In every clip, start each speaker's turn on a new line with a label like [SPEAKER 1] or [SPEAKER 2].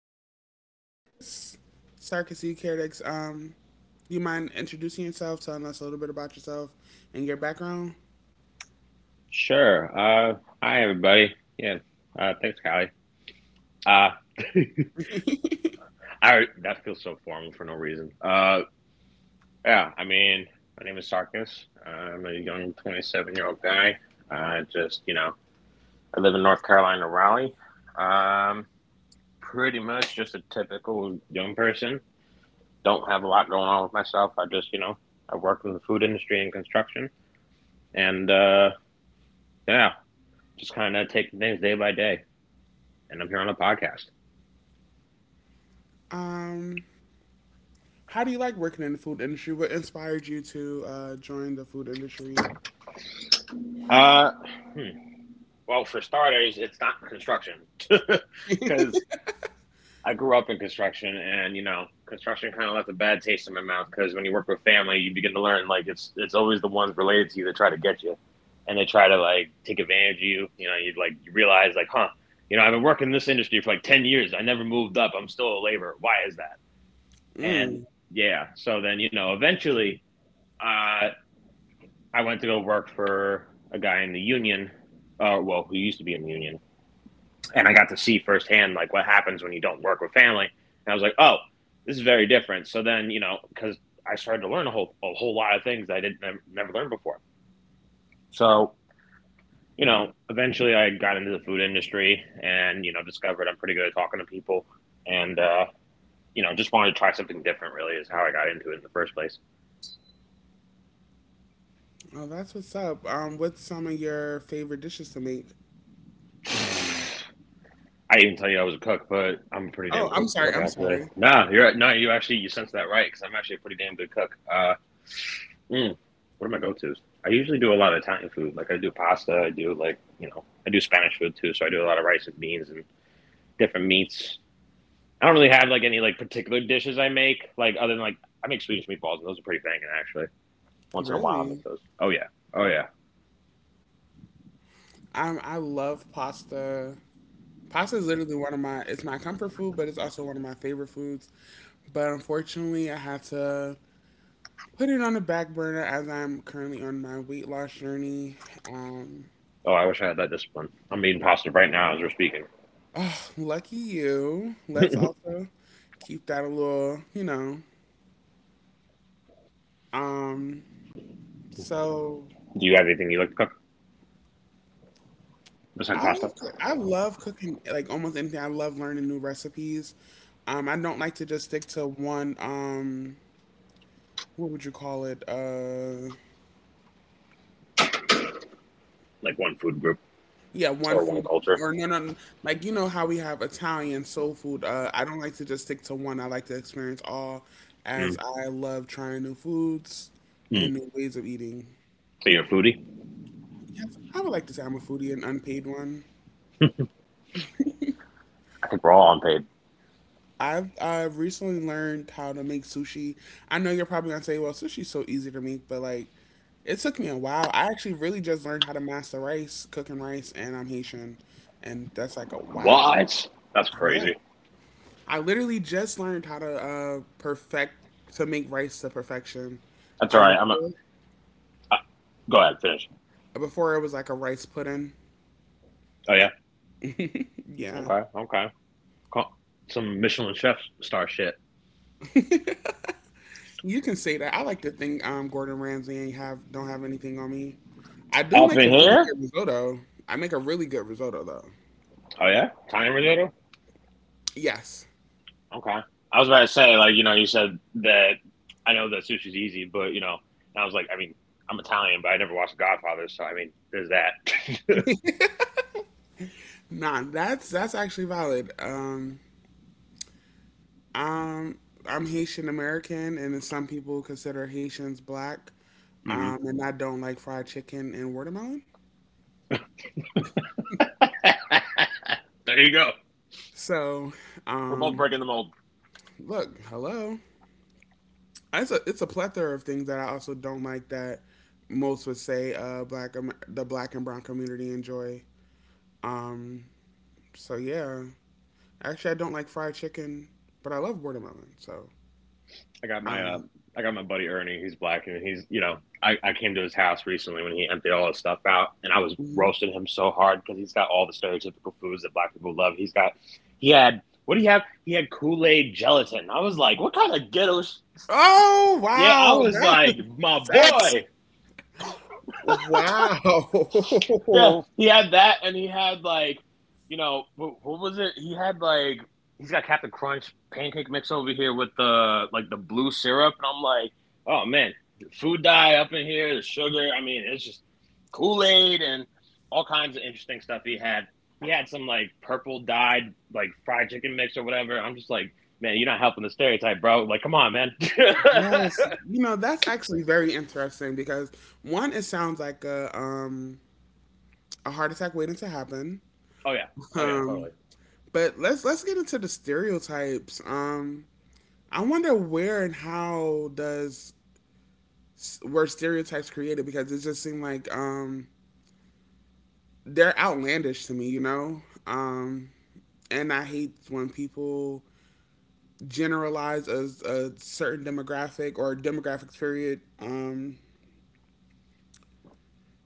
[SPEAKER 1] His name is Sarkis. Sarkis, do you care to do you mind introducing yourself, telling us a little bit about yourself and your background?
[SPEAKER 2] Sure. Uh, Hi, everybody. Yeah. Thanks, Callie. Uh, I That feels so formal for no reason. Yeah. My name is Sarkis. I'm a young 27-year-old guy. Just I live in North Carolina, Raleigh. Um, Pretty much just a typical young person. Don't have a lot going on with myself. I just I work in the food industry and construction, and yeah, just kind of taking things day by day. And I'm here on a podcast.
[SPEAKER 1] Um, how do you like working in the food industry? What inspired you to join the food industry?
[SPEAKER 2] Uh, hmm. Well, for starters, it's not construction because I grew up in construction, and you know, construction kind of left a bad taste in my mouth because when you work with family, you begin to learn like it's always the ones related to you that try to get you, and they try to like take advantage of you. You know, you like you realize like, huh, you know, I've been working in this industry for like 10 years. I never moved up. I'm still a laborer. Why is that? And
[SPEAKER 1] Mm.
[SPEAKER 2] yeah, so then you know, eventually, uh, I went to go work for a guy in the union, well, who used to be in the union and I got to see firsthand like what happens when you don't work with family. And I was like, oh, this is very different. So then you know, because I started to learn a whole lot of things I didn't never, learned before. So you know, eventually I got into the food industry and you know discovered I'm pretty good at talking to people, and you know just wanted to try something different. Really, is how I got into it in the first place.
[SPEAKER 1] Oh, that's what's up. What's some of your favorite dishes to make?
[SPEAKER 2] I didn't even tell you I was a cook, but I'm a pretty damn
[SPEAKER 1] Oh, I'm
[SPEAKER 2] good
[SPEAKER 1] sorry.
[SPEAKER 2] cook
[SPEAKER 1] I'm
[SPEAKER 2] actually.
[SPEAKER 1] sorry.
[SPEAKER 2] No, you're no, you actually you sense that right because I'm actually a pretty damn good cook. Mm. What are my go-tos? I usually do a lot of Italian food. Like I do pasta. I do like you know I do Spanish food too. So I do a lot of rice and beans and different meats. I don't really have like any like particular dishes I make. Like other than like I make Swedish meatballs and those are pretty banging actually. Once in a while I make
[SPEAKER 1] Really?
[SPEAKER 2] those. Oh yeah. Oh yeah.
[SPEAKER 1] I love pasta. Pasta is literally one of my it's my comfort food, but it's also one of my favorite foods. But unfortunately, I had to put it on the back burner as I'm currently on my weight loss journey. Um,
[SPEAKER 2] Oh, I wish I had that discipline. I'm eating pasta right now as we're speaking.
[SPEAKER 1] oh, lucky you. Let's also keep that a little, you know. Um, so
[SPEAKER 2] Do you have anything you like to cook besides pasta?
[SPEAKER 1] I love cooking like almost anything. I love learning new recipes. I don't like to just stick to one. What would you call it?
[SPEAKER 2] Like one food group
[SPEAKER 1] Yeah, one
[SPEAKER 2] or one
[SPEAKER 1] food
[SPEAKER 2] culture?
[SPEAKER 1] or no, no, like you know how we have Italian soul food. I don't like to just stick to one. I like to experience all, as
[SPEAKER 2] Mm.
[SPEAKER 1] I love trying new foods
[SPEAKER 2] Mm.
[SPEAKER 1] and new ways of eating.
[SPEAKER 2] So you're a foodie?
[SPEAKER 1] Yes, I would like to say I'm a foodie, an unpaid one.
[SPEAKER 2] I think we're all unpaid.
[SPEAKER 1] I've recently learned how to make sushi. I know you're probably gonna say, "Well, sushi's so easy to make," but like, it took me a while. I actually really just learned how to master rice, cooking rice, and I'm Haitian, and that's like a wow.
[SPEAKER 2] What? That's
[SPEAKER 1] Yeah.
[SPEAKER 2] crazy.
[SPEAKER 1] I literally just learned how to perfect to make rice to perfection.
[SPEAKER 2] That's all right.
[SPEAKER 1] Before
[SPEAKER 2] Uh, Go ahead, finish.
[SPEAKER 1] before it was like a rice pudding.
[SPEAKER 2] Oh yeah.
[SPEAKER 1] Yeah,
[SPEAKER 2] Okay. Okay. Some Michelin chef star shit.
[SPEAKER 1] you can say that. I like to think Gordon Ramsay ain't have don't have anything on me. I do
[SPEAKER 2] Up
[SPEAKER 1] make a
[SPEAKER 2] in
[SPEAKER 1] really
[SPEAKER 2] here?
[SPEAKER 1] good risotto. I make a really good risotto though.
[SPEAKER 2] Oh yeah. Italian risotto.
[SPEAKER 1] Yes.
[SPEAKER 2] Okay. I was about to say, like, you know, you said that I know that sushi's easy, but you know, and I was like, I mean, I'm Italian, but I never watched Godfather, so I mean, there's that.
[SPEAKER 1] Nah, that's actually valid. Um, I'm Haitian American, and then some people consider Haitians black.
[SPEAKER 2] hmm
[SPEAKER 1] And I don't like fried chicken and watermelon.
[SPEAKER 2] There you go.
[SPEAKER 1] So,
[SPEAKER 2] We're both
[SPEAKER 1] um,
[SPEAKER 2] breaking the mold.
[SPEAKER 1] look, hello. It's a plethora of things that I also don't like that most would say black the black and brown community enjoy. Um, so yeah, actually I don't like fried chicken, but I love watermelon. So,
[SPEAKER 2] I got my uh,
[SPEAKER 1] um,
[SPEAKER 2] I got my buddy Ernie. He's black, and he's you know I came to his house recently when he emptied all his stuff out, and I was
[SPEAKER 1] mhm.
[SPEAKER 2] roasting him so hard because he's got all the stereotypical foods that black people love. He had what do you have? He had Kool Aid gelatin. I was like, what kind of ghetto? Sh-?
[SPEAKER 1] Oh
[SPEAKER 2] Yeah, I
[SPEAKER 1] wow,
[SPEAKER 2] was
[SPEAKER 1] that
[SPEAKER 2] like,
[SPEAKER 1] was
[SPEAKER 2] my
[SPEAKER 1] that's
[SPEAKER 2] boy. Yeah,
[SPEAKER 1] wow.
[SPEAKER 2] he had that, and he had like, you know, what was it? He had like, he's got Captain Crunch pancake mix over here with the like the blue syrup, and I'm like, oh man, the food dye up in here, the sugar. I mean, it's just Kool Aid and all kinds of interesting stuff he had. He had some like purple dyed like fried chicken mix or whatever. I'm just like, man, you're not helping the stereotype, bro. Like, come on, man. Oh
[SPEAKER 1] Yes, you know that's actually very interesting because one, it sounds like a heart attack waiting to happen.
[SPEAKER 2] yeah, oh yeah,
[SPEAKER 1] Um,
[SPEAKER 2] totally.
[SPEAKER 1] but let's get into the stereotypes. I wonder where and how does were stereotypes created because it just seemed like they're outlandish to me, you know. Um, and I hate when people generalize a certain demographic or demographics period.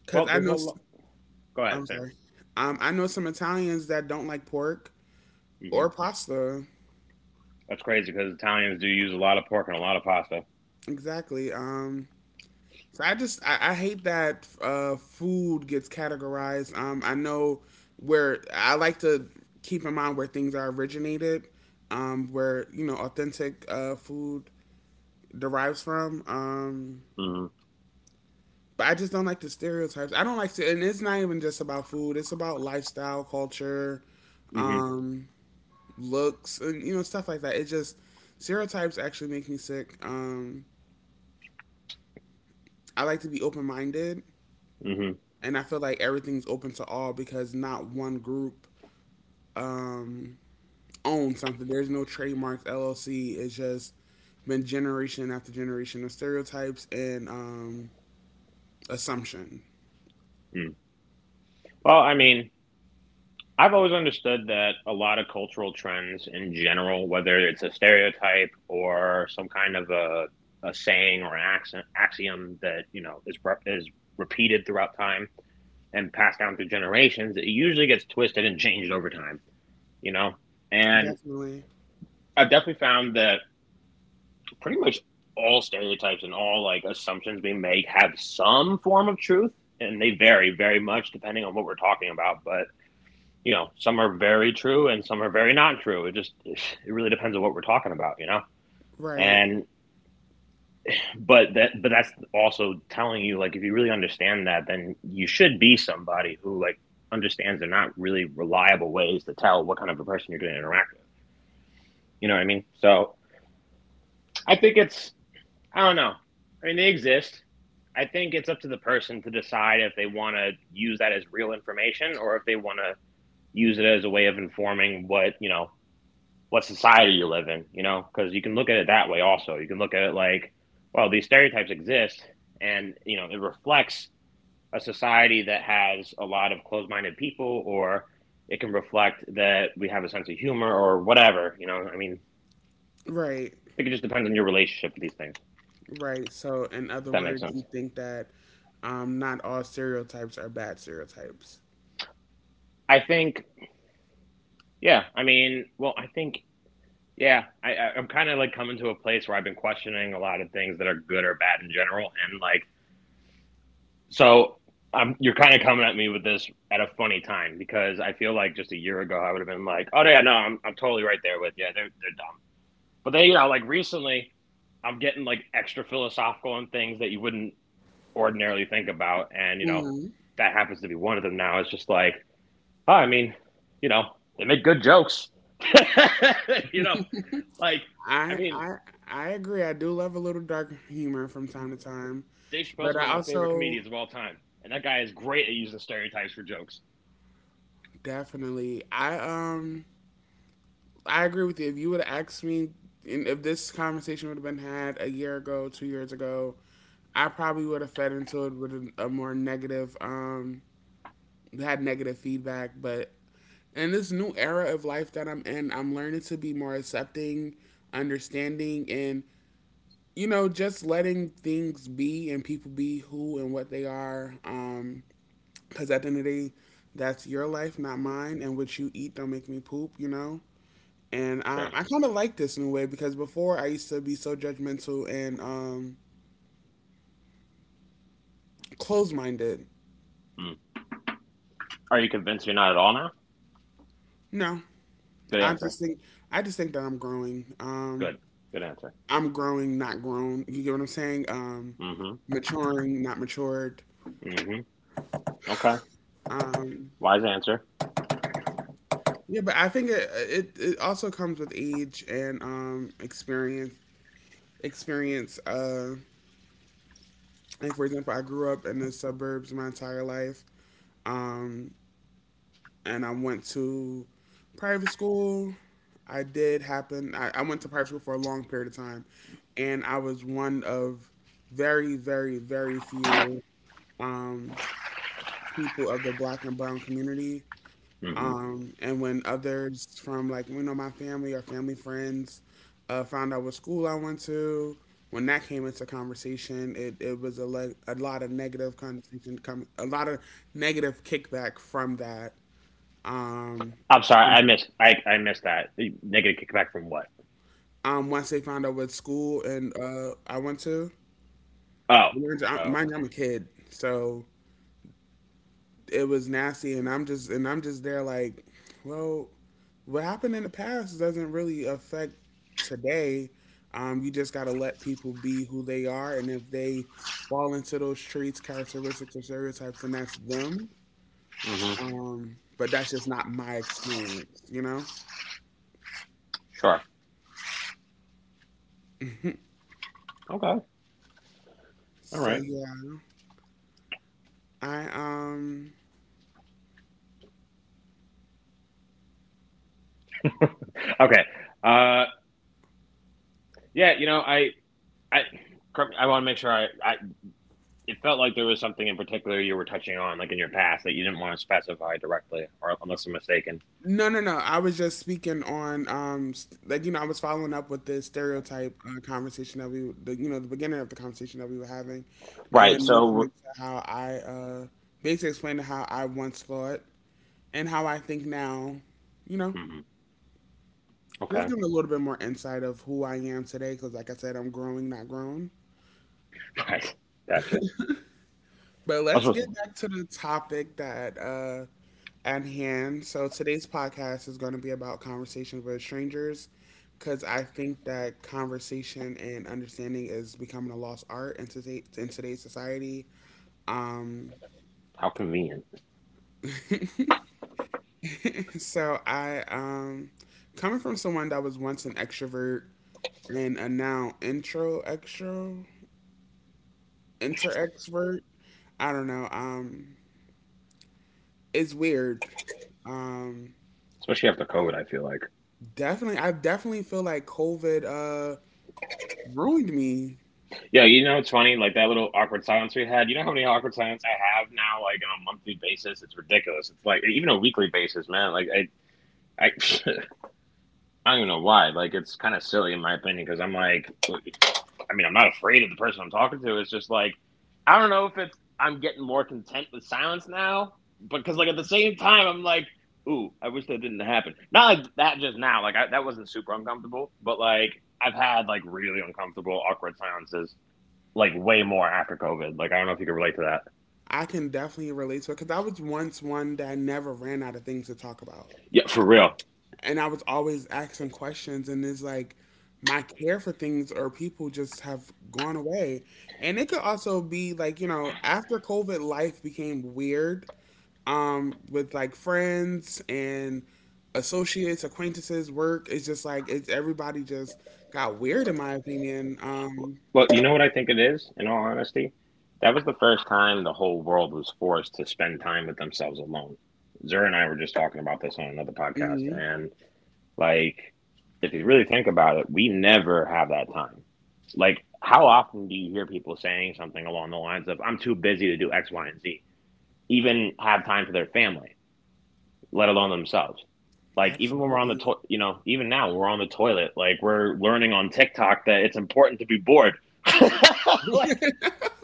[SPEAKER 1] Because
[SPEAKER 2] Well, there's a lot. Go ahead,
[SPEAKER 1] I'm
[SPEAKER 2] finish.
[SPEAKER 1] sorry. I know some Italians that don't like pork
[SPEAKER 2] Mm-hmm.
[SPEAKER 1] or pasta.
[SPEAKER 2] That's crazy because Italians do use a lot of pork and a lot of pasta.
[SPEAKER 1] Exactly. So I hate that food gets categorized. I know where I like to keep in mind where things are originated, where you know authentic food derives from.
[SPEAKER 2] Mm-hmm.
[SPEAKER 1] But I just don't like the stereotypes. I don't like, to, and it's not even just about food. It's about lifestyle, culture,
[SPEAKER 2] Mm-hmm.
[SPEAKER 1] um, looks, and you know stuff like that. It just stereotypes actually make me sick. I like to be open minded
[SPEAKER 2] Mm-hmm.
[SPEAKER 1] and I feel like everything's open to all because not one group um, owns something. There's no trademarks. LLC. It's just been generation after generation of stereotypes and assumption.
[SPEAKER 2] Mm. Well, I mean, I've always understood that a lot of cultural trends in general, whether it's a stereotype or some kind of a saying or an accent, axiom that, you know, is repeated throughout time and passed down through generations, it usually gets twisted and changed over time, you know? And
[SPEAKER 1] Definitely
[SPEAKER 2] I've definitely found that pretty much all stereotypes and all like assumptions we make have some form of truth and they vary very much depending on what we're talking about but you know some are very true and some are very not true it just it really depends on what we're talking about you know
[SPEAKER 1] right,
[SPEAKER 2] and but that's also telling you like if you really understand that then you should be somebody who like understands they're not really reliable ways to tell what kind of a person you're going to interact with you know what I mean so I think it's I don't know. I mean, they exist. I think it's up to the person to decide if they want to use that as real information or if they want to use it as a way of informing what, you know, what society you live in, you know, because you can look at it that way also. You can look at it like, well, these stereotypes exist and, you know, it reflects a society that has a lot of closed minded people or it can reflect that we have a sense of humor or whatever, you know. I mean, I
[SPEAKER 1] right,
[SPEAKER 2] think it just depends on your relationship to these things,
[SPEAKER 1] right. So in
[SPEAKER 2] if
[SPEAKER 1] other
[SPEAKER 2] that makes
[SPEAKER 1] words,
[SPEAKER 2] sense.
[SPEAKER 1] you think that not all stereotypes are bad stereotypes.
[SPEAKER 2] I think Yeah, I mean, well, I think, yeah, I'm kind of like coming to a place where I've been questioning a lot of things that are good or bad in general, and like, so you're kind of coming at me with this at a funny time because I feel like just a year ago I would have been like, oh yeah, no, I'm totally right there with you. They're dumb, but then you know, like recently, I'm getting like extra philosophical on things that you wouldn't ordinarily think about, and you know,
[SPEAKER 1] Mm,
[SPEAKER 2] that happens to be one of them now. It's just like. Oh, I mean, you know, they make good jokes. you know, like, I
[SPEAKER 1] I
[SPEAKER 2] mean,
[SPEAKER 1] I I agree. I do love a little dark humor from time to time,
[SPEAKER 2] Dave Chappelle's
[SPEAKER 1] but
[SPEAKER 2] one of
[SPEAKER 1] I
[SPEAKER 2] my favorite
[SPEAKER 1] also
[SPEAKER 2] comedians of all time, and that guy is great at using stereotypes for jokes.
[SPEAKER 1] definitely. I agree with you. If you would have asked me and if this conversation would have been had a year ago, 2 years ago, I probably would have fed into it with a more negative had negative feedback, but in this new era of life that I'm in, I'm learning to be more accepting, understanding and you know, just letting things be and people be who and what they are. Because at the end of the day, that's your life, not
[SPEAKER 2] Mm,
[SPEAKER 1] mine. And what you eat don't make me poop, you know? And
[SPEAKER 2] sure.
[SPEAKER 1] I kind of like this in a way because before I used to be so judgmental and closed-minded.
[SPEAKER 2] Mm. Are you convinced you're not at all now?
[SPEAKER 1] No,
[SPEAKER 2] Good
[SPEAKER 1] I
[SPEAKER 2] answer.
[SPEAKER 1] just think I just think that I'm growing.
[SPEAKER 2] Good. Good answer.
[SPEAKER 1] I'm growing, not grown. You get what I'm saying?
[SPEAKER 2] Mm-hmm.
[SPEAKER 1] Maturing, not matured.
[SPEAKER 2] Mm-hmm. Okay.
[SPEAKER 1] Um,
[SPEAKER 2] Wise answer.
[SPEAKER 1] yeah, but I think it also comes with age and experience. Experience. Like for example, I grew up in the suburbs my entire life. Um, and I went to private school. I did happen. I went to private school for a long period of time, and I was one of very, very, very few um, people of the Black and Brown community.
[SPEAKER 2] Mm-hmm.
[SPEAKER 1] And when others from like you know my family or family friends found out what school I went to, when that came into conversation, it was a lot of negative conversation, a lot of negative kickback from that. Um,
[SPEAKER 2] I'm sorry, I missed. I missed that negative kickback from what?
[SPEAKER 1] Um, once they found out what school and I went to,
[SPEAKER 2] Oh. Oh.
[SPEAKER 1] mind
[SPEAKER 2] Okay.
[SPEAKER 1] you, I'm a kid, so it was nasty, and I'm just there like, well, what happened in the past doesn't really affect today. You just gotta let people be who they are, and if they fall into those traits, characteristics, or stereotypes, then that's them.
[SPEAKER 2] Mm-hmm.
[SPEAKER 1] But that's just not my experience, you know.
[SPEAKER 2] Sure. Okay. All
[SPEAKER 1] So
[SPEAKER 2] right.
[SPEAKER 1] yeah, I
[SPEAKER 2] Okay. Uh. Yeah. I I want to make sure I it felt like there was something in particular you were touching on, like in your past, that you didn't want to specify directly, or unless I'm mistaken.
[SPEAKER 1] no, no, no. I was just speaking on, like you know, I was following up with the stereotype conversation that you know, the beginning of the conversation that we were having,
[SPEAKER 2] Right.
[SPEAKER 1] and listening
[SPEAKER 2] So.
[SPEAKER 1] to how basically explaining how I once thought and how I think now, you know,
[SPEAKER 2] Mhm,
[SPEAKER 1] just
[SPEAKER 2] okay.
[SPEAKER 1] giving a little bit more insight of who I am today, because like I said, I'm growing, not grown.
[SPEAKER 2] Right. Gotcha. I
[SPEAKER 1] But
[SPEAKER 2] was
[SPEAKER 1] let's
[SPEAKER 2] supposed
[SPEAKER 1] get
[SPEAKER 2] to.
[SPEAKER 1] back to the topic that at hand. So today's podcast is going to be about conversations with strangers, because I think that conversation and understanding is becoming a lost art in today's society. Um,
[SPEAKER 2] How convenient,
[SPEAKER 1] so I coming from someone that was once an extrovert and a now intro extro inter expert. I don't know. It's weird. Um,
[SPEAKER 2] especially after COVID. I feel like.
[SPEAKER 1] Definitely, I definitely feel like COVID ruined me.
[SPEAKER 2] Yeah, you know it's funny, like that little awkward silence we had. You know how many awkward silence I have now, like on a monthly basis. It's ridiculous. It's like even a weekly basis, man. I, I don't even know why. Like it's kind of silly in my opinion because I'm like, I mean, I'm not afraid of the person I'm talking to. It's just like, I don't know if it's, I'm getting more content with silence now, because like at the same time, I'm like, ooh, I wish that didn't happen. Not like that just now, that wasn't super uncomfortable, but like I've had like really uncomfortable, awkward silences, like way more after COVID. Like, I don't know if you can relate to that.
[SPEAKER 1] I can definitely relate to it because I was once one that never ran out of things to talk about,
[SPEAKER 2] Yeah, for real.
[SPEAKER 1] and I was always asking questions. And it's like my care for things or people just have gone away. And it could also be like you know after COVID, life became weird with like friends and associates acquaintances work, it's just like it's everybody just got weird in my opinion.
[SPEAKER 2] Well, you know what I think it is, in all honesty? That was the first time the whole world was forced to spend time with themselves alone. Zura and I were just talking about this on another podcast,
[SPEAKER 1] Mm-hmm.
[SPEAKER 2] and like, if you really think about it, we never have that time. Like, how often do you hear people saying something along the lines of, I'm too busy to do X, Y, and Z, even have time for their family, let alone themselves? Like, even when we're on the
[SPEAKER 1] Absolutely.
[SPEAKER 2] toilet, you know, even now when we're on the toilet, like, we're learning on TikTok that it's important to be bored. Like,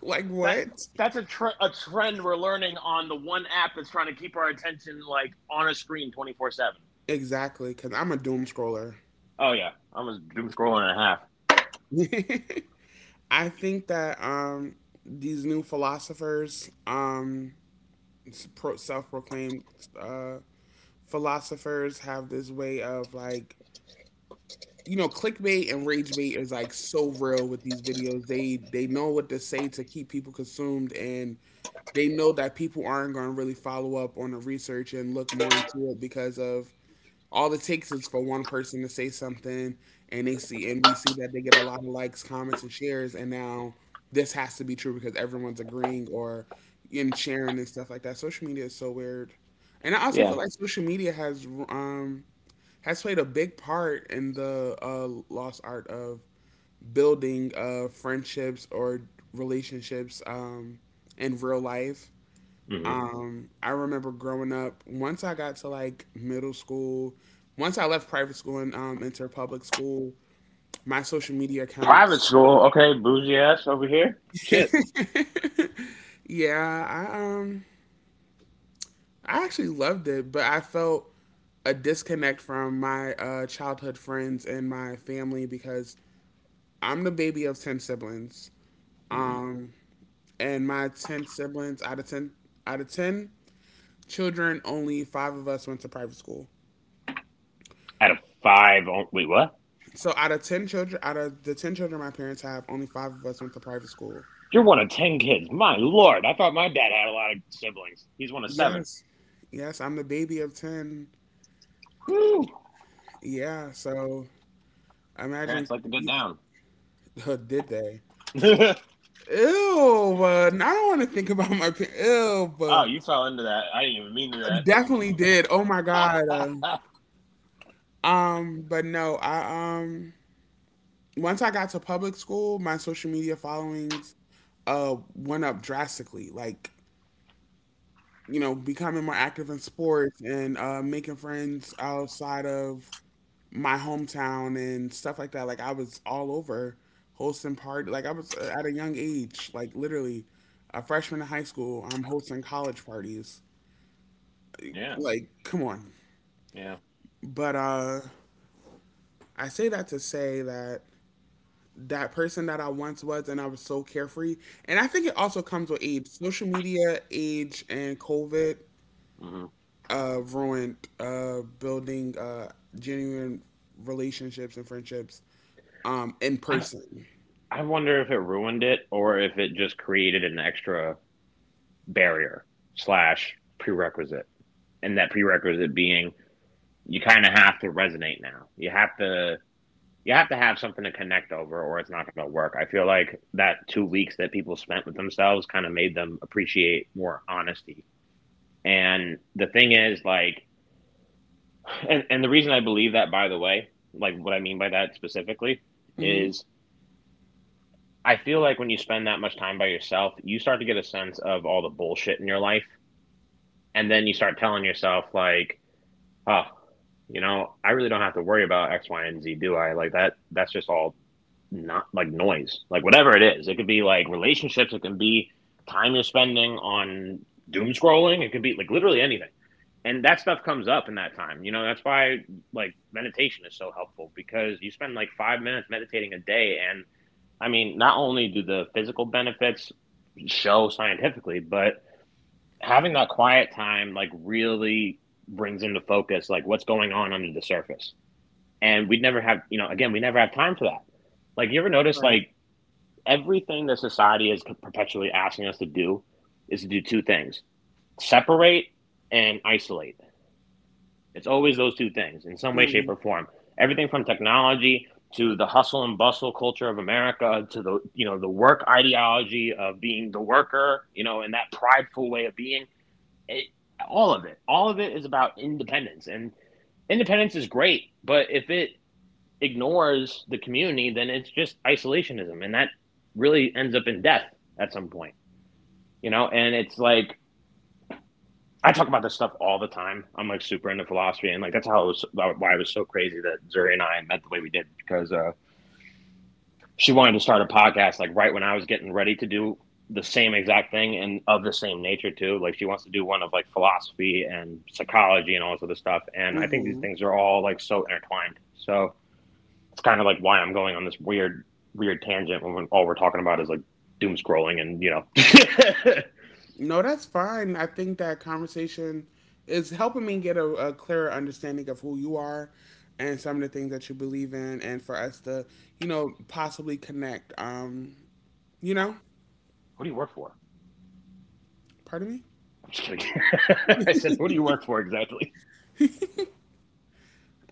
[SPEAKER 1] Like
[SPEAKER 2] that.
[SPEAKER 1] what?
[SPEAKER 2] That's a trend we're learning on the one app that's trying to keep our attention, like, on a screen 24/7.
[SPEAKER 1] Exactly, because I'm a doom scroller.
[SPEAKER 2] Oh yeah, I was doom scrolling and a half.
[SPEAKER 1] I think that these new philosophers, self-proclaimed uh, philosophers, have this way of like, you know, clickbait and rage bait is like so real with these videos. They know what to say to keep people consumed, and they know that people aren't going to really follow up on the research and look more into it because of all it takes is for one person to say something and they see and we see that they get a lot of likes comments and shares and now this has to be true because everyone's agreeing or and sharing and stuff like that. Social media is so weird, and I also
[SPEAKER 2] Yeah.
[SPEAKER 1] feel like social media has played a big part in the lost art of building friendships or relationships in real life.
[SPEAKER 2] Mm-hmm.
[SPEAKER 1] Um, I remember growing up, once I got to like middle school, once I left private school and entered public school, my social media
[SPEAKER 2] Private
[SPEAKER 1] accounts,
[SPEAKER 2] school, okay, bougie ass over here. Shit.
[SPEAKER 1] yeah, I actually loved it, but I felt a disconnect from my childhood friends and my family because I'm the baby of 10 siblings.
[SPEAKER 2] Hmm.
[SPEAKER 1] Um, and my 10 siblings out of 10 out of 10 children, only 5 of us went to private school.
[SPEAKER 2] Out of wait, what?
[SPEAKER 1] So out of ten children, out of the ten children my parents have, only five of us went to private school.
[SPEAKER 2] You're one of 10 kids. My lord, I thought my dad had a lot of siblings. He's one of seven.
[SPEAKER 1] Yes, yes, I'm the baby of ten.
[SPEAKER 2] Woo!
[SPEAKER 1] Yeah, so
[SPEAKER 2] Parents
[SPEAKER 1] imagine
[SPEAKER 2] like to get
[SPEAKER 1] y-
[SPEAKER 2] down.
[SPEAKER 1] did they? Ew, but I don't want to think about my parents. Ew,
[SPEAKER 2] Oh,
[SPEAKER 1] but
[SPEAKER 2] you fell into that. I didn't even mean to
[SPEAKER 1] definitely did. Oh my god.
[SPEAKER 2] that.
[SPEAKER 1] But no, I once I got to public school, my social media followings went up drastically. Like, becoming more active in sports and making friends outside of my hometown and stuff like that. Like I was all over hosting party. Like I was at a young age, like literally a freshman in high school. I'm hosting college parties.
[SPEAKER 2] Yeah,
[SPEAKER 1] Like, come on.
[SPEAKER 2] yeah.
[SPEAKER 1] But I say that to say that that person that I once was and I was so carefree. And I think it also comes with age. Social media, age, and COVID
[SPEAKER 2] Hmm.
[SPEAKER 1] ruined building genuine relationships and friendships in
[SPEAKER 2] I,
[SPEAKER 1] person.
[SPEAKER 2] I wonder if it ruined it or if it just created an extra barrier/prerequisite, and that prerequisite being you kind of have to resonate now. You have to. You have to have something to connect over or it's not going to work. I feel like that 2 weeks that people spent with themselves kind of made them appreciate more honesty. And the thing is, like, and the reason I believe that, by the way, like what I mean by that specifically
[SPEAKER 1] Hmm.
[SPEAKER 2] is I feel like when you spend that much time by yourself, you start to get a sense of all the bullshit in your life. And then you start telling yourself, like, oh, you know, I really don't have to worry about X, Y, and Z, do I? Like that's just all not, like, noise. Like, whatever it is, it could be, like, relationships, it can be time you're spending on doom scrolling, it could be, like, literally anything. And that stuff comes up in that time. You know, that's why, like, meditation is so helpful because you spend, like, 5 minutes meditating a day. And I mean, not only do the physical benefits show scientifically, but having that quiet time, like, really brings into focus, like, what's going on under the surface. And we never have, again, we never have time for that. Like, you ever notice, like, everything that society is perpetually asking us to do is to do two things: separate and isolate. It's always those two things in some way, shape,
[SPEAKER 1] No,
[SPEAKER 2] or form. Everything from technology to the hustle and bustle culture of America to, the you know the work ideology of being the worker, you know, and that prideful way of being, it, all of it is about independence. And independence is great, but if it ignores the community, then it's just isolationism, and that really ends up in death at some point. You know, and it's like, I talk about this stuff all the time. I'm, like, super into philosophy, and, like, that's how it was. Why it was so crazy that Zuri and I met the way we did, because she wanted to start a podcast, like, right when I was getting ready to do the same exact thing, and of the same nature too. Like, she wants to do one of, like, philosophy and psychology and all this other stuff. And I think these things are all, like, so intertwined. So it's kind of, like, why I'm going on this weird, weird tangent when all we're talking about is, like, doom scrolling and you know.
[SPEAKER 1] that's fine. I think that conversation is helping me get a clearer understanding of who you are and some of the things that you believe in, and for us to, you know, possibly connect. You know,
[SPEAKER 2] Who do you work for?
[SPEAKER 1] Pardon me.
[SPEAKER 2] I'm just kidding. I said, who do you work for exactly?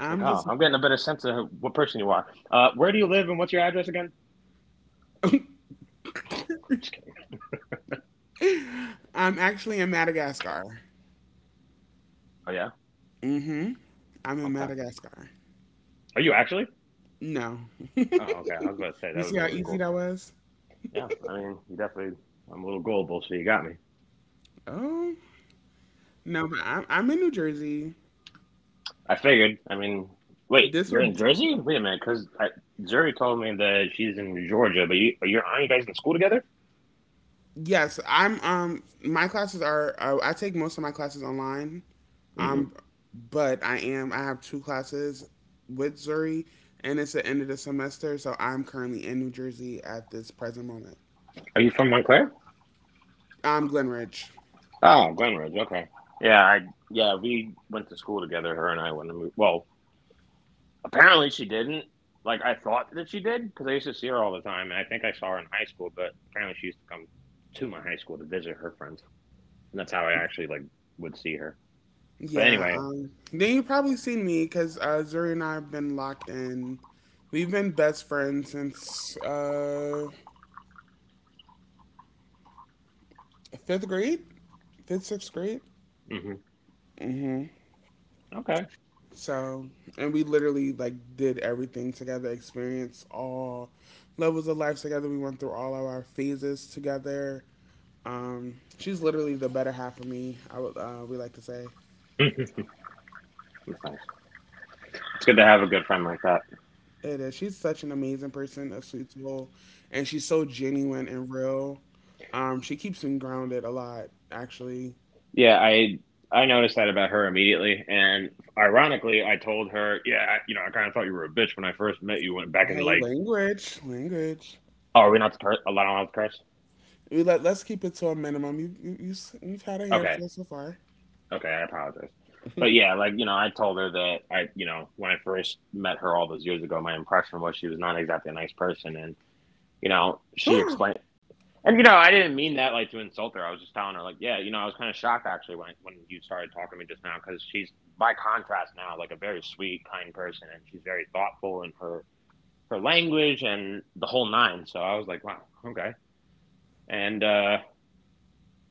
[SPEAKER 2] It's like, oh,
[SPEAKER 1] just,
[SPEAKER 2] I'm getting a better sense of what person you are. Where do you live, and what's your address again? I'm just kidding.
[SPEAKER 1] I'm actually in Madagascar.
[SPEAKER 2] Oh yeah,
[SPEAKER 1] Hmm. I'm in
[SPEAKER 2] okay.
[SPEAKER 1] Madagascar.
[SPEAKER 2] Are you actually?
[SPEAKER 1] No.
[SPEAKER 2] Oh, okay. I was about to say that
[SPEAKER 1] You
[SPEAKER 2] would have
[SPEAKER 1] see
[SPEAKER 2] been
[SPEAKER 1] how
[SPEAKER 2] really
[SPEAKER 1] easy
[SPEAKER 2] cool.
[SPEAKER 1] that was?
[SPEAKER 2] Yeah, I mean, you definitely. I'm a little gullible, so you got me.
[SPEAKER 1] Oh no, but I'm in New Jersey.
[SPEAKER 2] I figured. I mean, wait,
[SPEAKER 1] This
[SPEAKER 2] you're in
[SPEAKER 1] would
[SPEAKER 2] Jersey? Wait a minute, because Zuri told me that she's in Georgia, but aren't you guys in school together?
[SPEAKER 1] Yes, I'm my classes are, I take most of my classes online, um,
[SPEAKER 2] Hmm.
[SPEAKER 1] but I have two classes with Zuri, and it's the end of the semester, so I'm currently in New Jersey at this present moment.
[SPEAKER 2] Are you from Montclair?
[SPEAKER 1] I'm Glenridge.
[SPEAKER 2] Oh, Glen Ridge. Okay. Yeah, I yeah, we went to school together. Her and I went. To move, well, apparently she didn't. Like, I thought that she did because I used to see her all the time, and I think I saw her in high school. But apparently she used to come to my high school to visit her friends, and that's how I actually, like, would see her. But
[SPEAKER 1] Yeah,
[SPEAKER 2] anyway.
[SPEAKER 1] then you've probably seen me because Zuri and I have been locked in. We've been best friends since fifth grade, fifth sixth grade.
[SPEAKER 2] Hmm, okay.
[SPEAKER 1] So and we literally like did everything together, experienced all levels of life together. We went through all of our phases together. She's literally the better half of me. I would we like to say.
[SPEAKER 2] That's nice. It's good to have a good friend like that.
[SPEAKER 1] It is. She's such an amazing person, a sweet soul, and she's so genuine and real. She keeps me grounded a lot, actually.
[SPEAKER 2] Yeah, I noticed that about her immediately, and ironically, I told her, yeah, I, you know, I kind of thought you were a bitch when I first met you. Went back and,
[SPEAKER 1] Hey,
[SPEAKER 2] like,
[SPEAKER 1] language.
[SPEAKER 2] oh, are we not to curse? Allowed Not allowed to curse?
[SPEAKER 1] We let's keep it to a minimum. You've had a
[SPEAKER 2] Okay,
[SPEAKER 1] handful so far.
[SPEAKER 2] okay, I apologize. But yeah, like, you know, I told her that I, you know, when I first met her all those years ago, my impression was she was not exactly a nice person, and, you know, she explained. And, you know, I didn't mean that, like, to insult her. I was just telling her, like, yeah, you know, I was kind of shocked actually when you started talking to me just now, because she's, by contrast now, like, a very sweet, kind person, and she's very thoughtful in her language and the whole nine. So I was like, wow, okay. And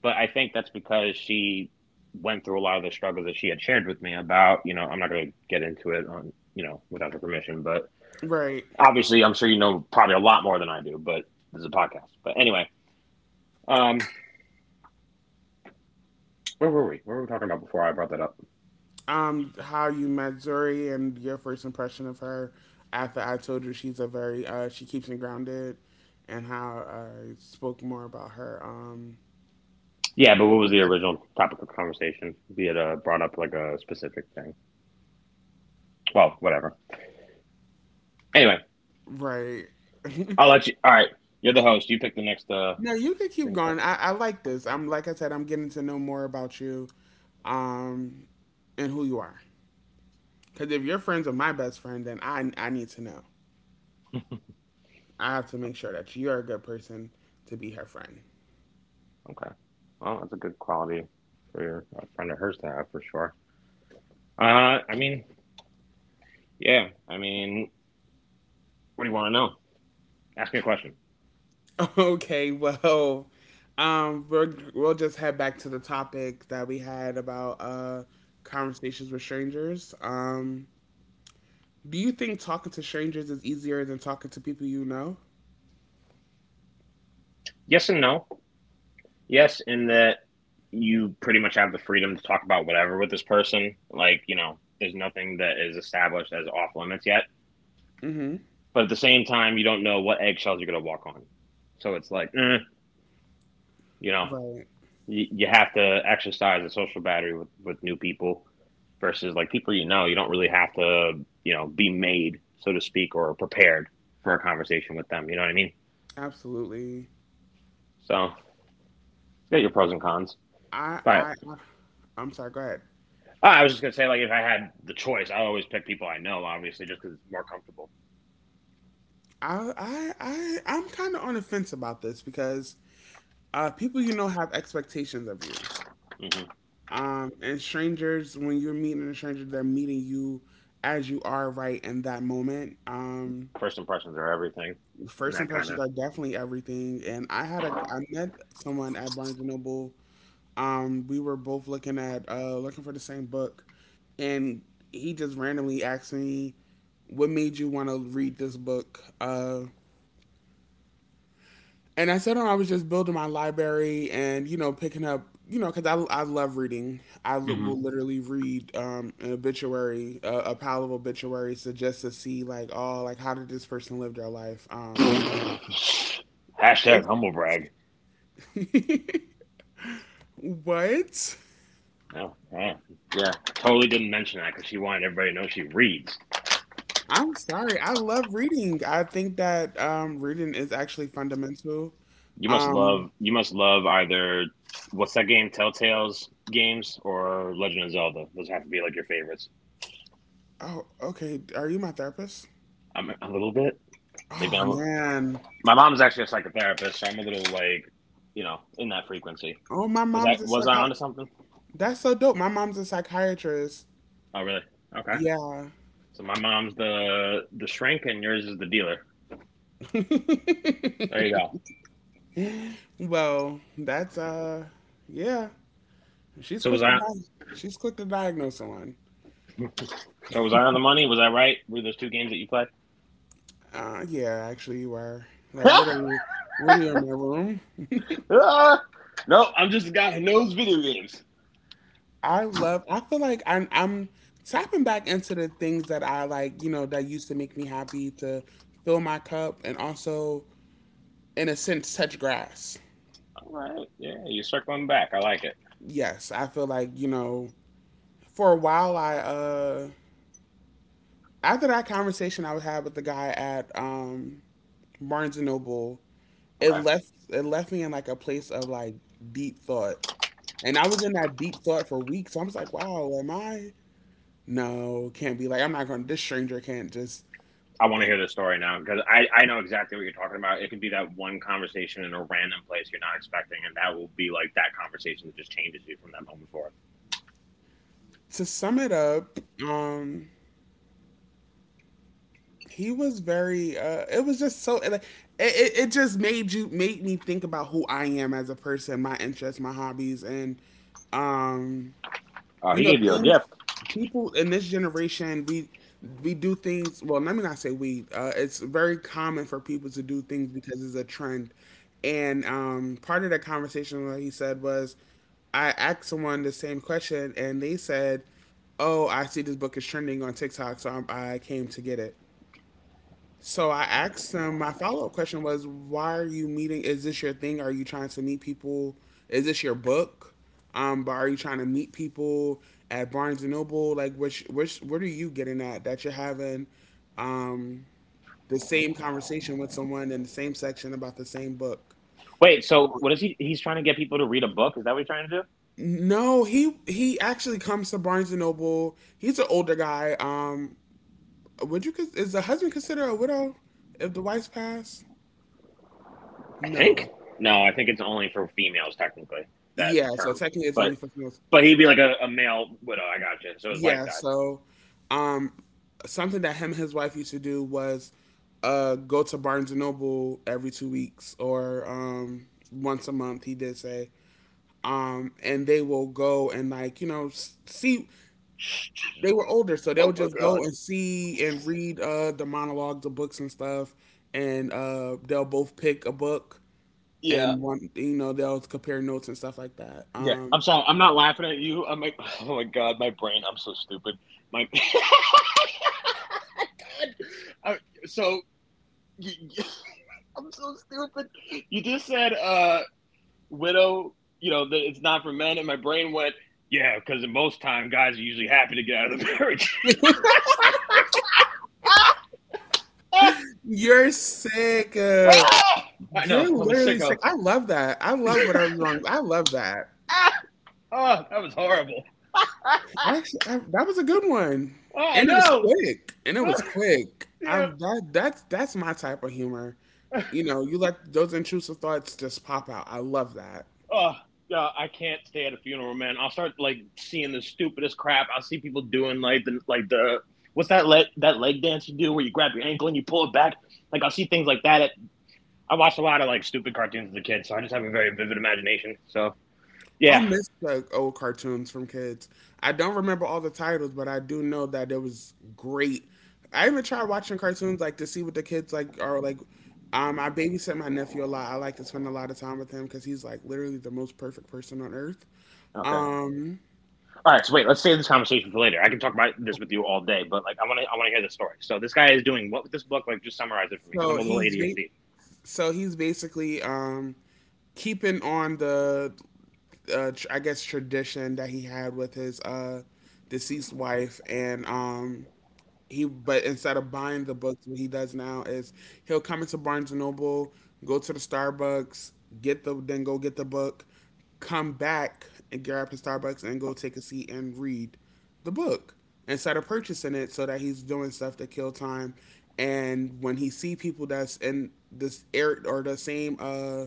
[SPEAKER 2] but I think that's because she went through a lot of the struggles that she had shared with me about. You know, I'm not going to get into it on without her permission, but
[SPEAKER 1] Right.
[SPEAKER 2] obviously, I'm sure you know probably a lot more than I do. But this is a podcast. But anyway. um, Where were we? What were we talking about before I brought that up?
[SPEAKER 1] How you met Zuri and your first impression of her after I told you she's a very she keeps me grounded, and how I spoke more about her.
[SPEAKER 2] Yeah, but what was the original topic of conversation? Be it, brought up, like, a specific thing. Well, whatever. Anyway,
[SPEAKER 1] Right.
[SPEAKER 2] I'll let you. All right, you're the host. You pick the next
[SPEAKER 1] no, you can keep
[SPEAKER 2] thing,
[SPEAKER 1] going.
[SPEAKER 2] topic.
[SPEAKER 1] I like this. I'm like I said, I'm getting to know more about you, um, and who you are. Because if your friends are my best friend, then I need to know. I have to make sure that you're a good person to be her friend.
[SPEAKER 2] Okay. Well, that's a good quality for your a friend of hers to have, for sure. I mean, yeah. I mean, what do you want to know? Ask me a question.
[SPEAKER 1] Okay, well, we'll just head back to the topic that we had about conversations with strangers. Do you think talking to strangers is easier than talking to people you know?
[SPEAKER 2] Yes and no. Yes, in that you pretty much have the freedom to talk about whatever with this person. Like, you know, there's nothing that is established as off limits yet.
[SPEAKER 1] Mm-hmm.
[SPEAKER 2] But at the same time, you don't know what eggshells you're going to walk on. So it's like, eh, you know,
[SPEAKER 1] Right.
[SPEAKER 2] you have to exercise a social battery with new people versus, like, people you know. You don't really have to, you know, be made, so to speak, or prepared for a conversation with them. You know what I mean?
[SPEAKER 1] Absolutely.
[SPEAKER 2] So get your pros and cons.
[SPEAKER 1] I,
[SPEAKER 2] But
[SPEAKER 1] I, I I'm sorry. Go ahead.
[SPEAKER 2] oh, I was just going to say, like, if I had the choice, I always pick people I know, obviously, just because it's more comfortable.
[SPEAKER 1] I'm kind of on the fence about this because people you know have expectations of you.
[SPEAKER 2] Mm hmm
[SPEAKER 1] And strangers, when you're meeting a stranger, they're meeting you as you are right in that moment.
[SPEAKER 2] First impressions are everything. And
[SPEAKER 1] First
[SPEAKER 2] that kind
[SPEAKER 1] impressions
[SPEAKER 2] of
[SPEAKER 1] are definitely everything. And I had a I met someone at Barnes and Noble. We were both looking for the same book, and he just randomly asked me, "What made you want to read this book?" And I said, oh, I was just building my library and, you know, picking up, you know, because I love reading.
[SPEAKER 2] mm
[SPEAKER 1] Will literally read an obituary, a pile of obituaries to just to see, like, oh, like, how did this person live their life?
[SPEAKER 2] hmm Hashtag
[SPEAKER 1] It-
[SPEAKER 2] humblebrag.
[SPEAKER 1] what?
[SPEAKER 2] Oh, wow. Yeah. Totally didn't mention that because she wanted everybody to know she reads.
[SPEAKER 1] I'm sorry. I love reading. I think that reading is actually fundamental.
[SPEAKER 2] You must
[SPEAKER 1] Um,
[SPEAKER 2] love you must love either, what's that game, Telltale's games or Legend of Zelda. Those have to be, like, your favorites.
[SPEAKER 1] oh, okay. Are you my therapist?
[SPEAKER 2] I'm a little bit. Maybe
[SPEAKER 1] Oh
[SPEAKER 2] I'm a,
[SPEAKER 1] man.
[SPEAKER 2] my mom's actually a psychotherapist, so I'm a little, like, you know, in that frequency.
[SPEAKER 1] Oh, my
[SPEAKER 2] Was I
[SPEAKER 1] mom's a
[SPEAKER 2] was I
[SPEAKER 1] psychi.
[SPEAKER 2] onto something?
[SPEAKER 1] That's so dope. My mom's a psychiatrist.
[SPEAKER 2] Oh really? Okay.
[SPEAKER 1] Yeah.
[SPEAKER 2] So my mom's the shrink and yours is the dealer. There you go.
[SPEAKER 1] Well, that's yeah. She's
[SPEAKER 2] So
[SPEAKER 1] quick
[SPEAKER 2] was
[SPEAKER 1] to
[SPEAKER 2] I
[SPEAKER 1] di- she's quick to diagnose someone.
[SPEAKER 2] so was I on the money? Was I right? Were those two games that you played?
[SPEAKER 1] Yeah, actually you were. Like what are you in my room?
[SPEAKER 2] Ah, no, I'm just a guy who knows video games.
[SPEAKER 1] I love. I feel like I'm tapping back into the things that I like, you know, that used to make me happy, to fill my cup, and also in a sense touch grass.
[SPEAKER 2] All right. Yeah, you're circling back. I like it.
[SPEAKER 1] Yes, I feel like, you know, for a while I after that conversation I would have with the guy at Barnes and Noble,
[SPEAKER 2] Okay.
[SPEAKER 1] it left me in like a place of like deep thought. And I was in that deep thought for weeks. I was like, wow, am I? No, can't be. Like I'm not going. This stranger can't just.
[SPEAKER 2] I want to hear the story now because I know exactly what you're talking about. It could be that one conversation in a random place you're not expecting, and that will be, like, that conversation that just changes you from that moment forward.
[SPEAKER 1] To sum it up, um he was very it was just so like it just made you made me think about who I am as a person, my interests, my hobbies, and um
[SPEAKER 2] Oh,
[SPEAKER 1] you
[SPEAKER 2] he
[SPEAKER 1] know
[SPEAKER 2] gave you a
[SPEAKER 1] things.
[SPEAKER 2] gift.
[SPEAKER 1] People in this generation we do things well let me not say we it's very common for people to do things because it's a trend. And part of the conversation, what he said was I asked someone the same question and they said, oh, I see this book is trending on TikTok, I came to get it. So I asked them, my follow up question was, why are you meeting? Is this your thing? Are you trying to meet people? Is this your book? But are you trying to meet people at Barnes and Noble? Like, what are you getting at that you're having um, the same conversation with someone in the same section about the same book?
[SPEAKER 2] Wait, so what is he? He's trying to get people to read a book? Is that what you're trying to do?
[SPEAKER 1] No, he actually comes to Barnes and Noble. He's an older guy. Is the husband considered a widow if the wife's passed?
[SPEAKER 2] I think.
[SPEAKER 1] No.
[SPEAKER 2] No, I think it's only for females, technically, that
[SPEAKER 1] Yeah, so
[SPEAKER 2] term.
[SPEAKER 1] technically it's only
[SPEAKER 2] But
[SPEAKER 1] for females.
[SPEAKER 2] but he'd be like a male widow. I gotcha. So his wife
[SPEAKER 1] Yeah,
[SPEAKER 2] died.
[SPEAKER 1] so um something that him and his wife used to do was go to Barnes and Noble every 2 weeks, or once a month he did say. Um, and they will go and like, you know, see, they were older, so they
[SPEAKER 2] Oh
[SPEAKER 1] would
[SPEAKER 2] my
[SPEAKER 1] just
[SPEAKER 2] god.
[SPEAKER 1] go and see and read the monologues, the books and stuff, and they'll both pick a book,
[SPEAKER 2] Yeah.
[SPEAKER 1] and one you know they'll compare notes and stuff like that.
[SPEAKER 2] Yeah,
[SPEAKER 1] Um,
[SPEAKER 2] I'm sorry. I'm not laughing at you. I'm like, oh my god, my brain. I'm so stupid. My I, so you, I'm so stupid. You just said, uh, widow. You know, for men, and my brain went, yeah, because most time guys are usually happy to get out of the marriage. Ah!
[SPEAKER 1] you're sick. Uh,
[SPEAKER 2] Ah! I know.
[SPEAKER 1] you're
[SPEAKER 2] I'm a
[SPEAKER 1] literally sick.
[SPEAKER 2] sicko.
[SPEAKER 1] I love that. I love whatever's wrong. I love that.
[SPEAKER 2] Oh, that was horrible.
[SPEAKER 1] Actually, that was a good one,
[SPEAKER 2] Oh, I
[SPEAKER 1] and it was
[SPEAKER 2] know.
[SPEAKER 1] quick. And it was quick. I
[SPEAKER 2] Yeah.
[SPEAKER 1] That that's my type of humor. You know, you let those intrusive thoughts just pop out. I love that.
[SPEAKER 2] Oh yeah, I can't stay at a funeral, man. I'll start, like, seeing the stupidest crap. I'll see people doing, like the, what's that leg, dance you do where you grab your ankle and you pull it back. Like, I'll see things like that. I watched a lot of like stupid cartoons as a kid, so I just have a very vivid imagination. So
[SPEAKER 1] I
[SPEAKER 2] yeah,
[SPEAKER 1] miss the old cartoons from kids. I don't remember all the titles, but I do know that it was great. I even tried watching cartoons like to see what the kids like are like. I babysit my nephew a lot. I like to spend a lot of time with him because he's like literally the most perfect person on earth.
[SPEAKER 2] okay,
[SPEAKER 1] Um,
[SPEAKER 2] all right. So wait, let's save this conversation for later. I can talk about this with you all day, but like I want to hear the story. So this guy is doing what with this book? Like just summarize it for me because I'm
[SPEAKER 1] so
[SPEAKER 2] a little
[SPEAKER 1] he's ba-
[SPEAKER 2] ADHD.
[SPEAKER 1] so he's basically keeping on the I guess tradition that he had with his deceased wife. And he but instead of buying the books what he does now is he'll come into Barnes and Noble, go to the Starbucks, get the then go get the book, come back and grab the Starbucks and go take a seat and read the book, instead of purchasing it, so that he's doing stuff to kill time. And when he see people that's in this air, or the same uh,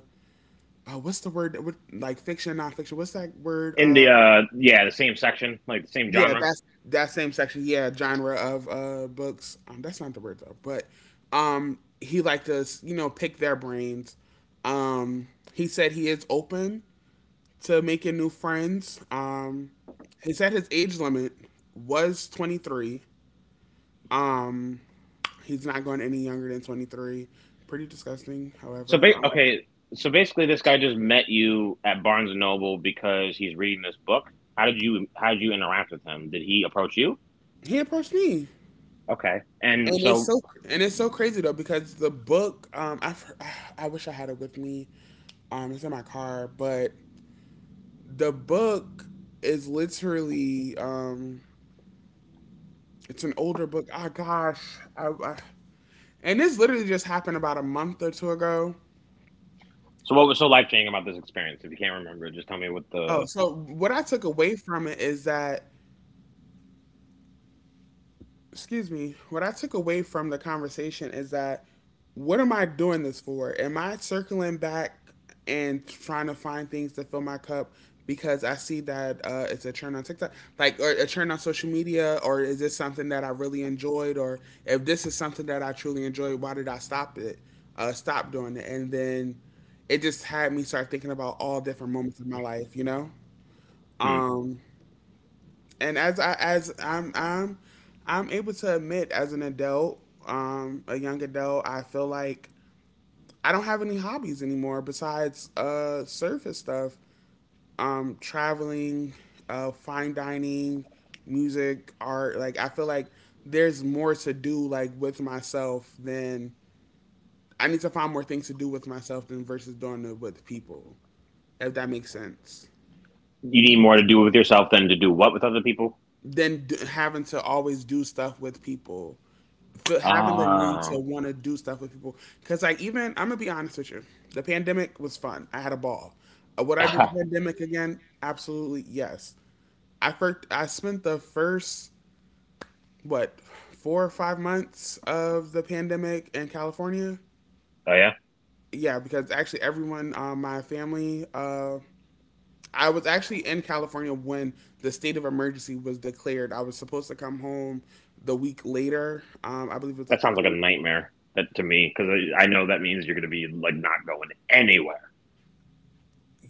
[SPEAKER 1] uh what's the word that, like fiction nonfiction, what's that word,
[SPEAKER 2] In the
[SPEAKER 1] uh.
[SPEAKER 2] yeah, the same section, like the same
[SPEAKER 1] Yeah,
[SPEAKER 2] genre.
[SPEAKER 1] that's that same section. Yeah, genre of books. That's not the word though. But he liked to you know pick their brains. Um, he said he is open to making new friends. He said his age limit was 23. Um, he's not going any younger than 23. Pretty disgusting.
[SPEAKER 2] So
[SPEAKER 1] However,
[SPEAKER 2] ba- okay, so basically, this guy just met you at Barnes and Noble because he's reading this book. How did you interact with him? Did he approach you?
[SPEAKER 1] he approached me.
[SPEAKER 2] Okay, and
[SPEAKER 1] And it's
[SPEAKER 2] so
[SPEAKER 1] so crazy though because the book I I wish I had it with me. Um, it's in my car, but the book is literally it's an older book. Oh gosh. And this literally just happened about a month or two ago.
[SPEAKER 2] so what was so life changing about this experience? If you can't remember, just tell me what
[SPEAKER 1] Oh,
[SPEAKER 2] the
[SPEAKER 1] so what I took away from it is that excuse me, what I took away from the conversation is that what am I doing this for? Am I circling back and trying to find things to fill my cup because I see that it's a trend on TikTok, like, or a trend on social media? Or is this something that I really enjoyed? Or if this is something that I truly enjoyed, why did I stop it, stop doing it? And then it just had me start thinking about all different moments of my life, you know.
[SPEAKER 2] hmm.
[SPEAKER 1] Um, and as I'm I'm able to admit, as an adult, a young adult, I feel like I don't have any hobbies anymore besides surface stuff. Traveling, fine dining, music, art. Like I feel like there's more to do like with myself than, I need to find more things to do with myself than versus doing it with people. If that makes sense.
[SPEAKER 2] You need more to do with yourself than to do what with other people.
[SPEAKER 1] Having to always do stuff with people. Having the need to
[SPEAKER 2] Oh,
[SPEAKER 1] want to do stuff with people. Because like even I'm gonna be honest with you, the pandemic was fun. I had a ball. Would I do the
[SPEAKER 2] oh
[SPEAKER 1] pandemic again? Absolutely yes. I spent the first what 4 or 5 months of the pandemic in California.
[SPEAKER 2] yeah,
[SPEAKER 1] Yeah, because actually everyone, my family, I was actually in California when the state of emergency was declared. I was supposed to come home the week later. I believe it was
[SPEAKER 2] that
[SPEAKER 1] like a
[SPEAKER 2] sounds like a
[SPEAKER 1] Thursday.
[SPEAKER 2] nightmare. That to me, because I know that means you're going to be like not going anywhere.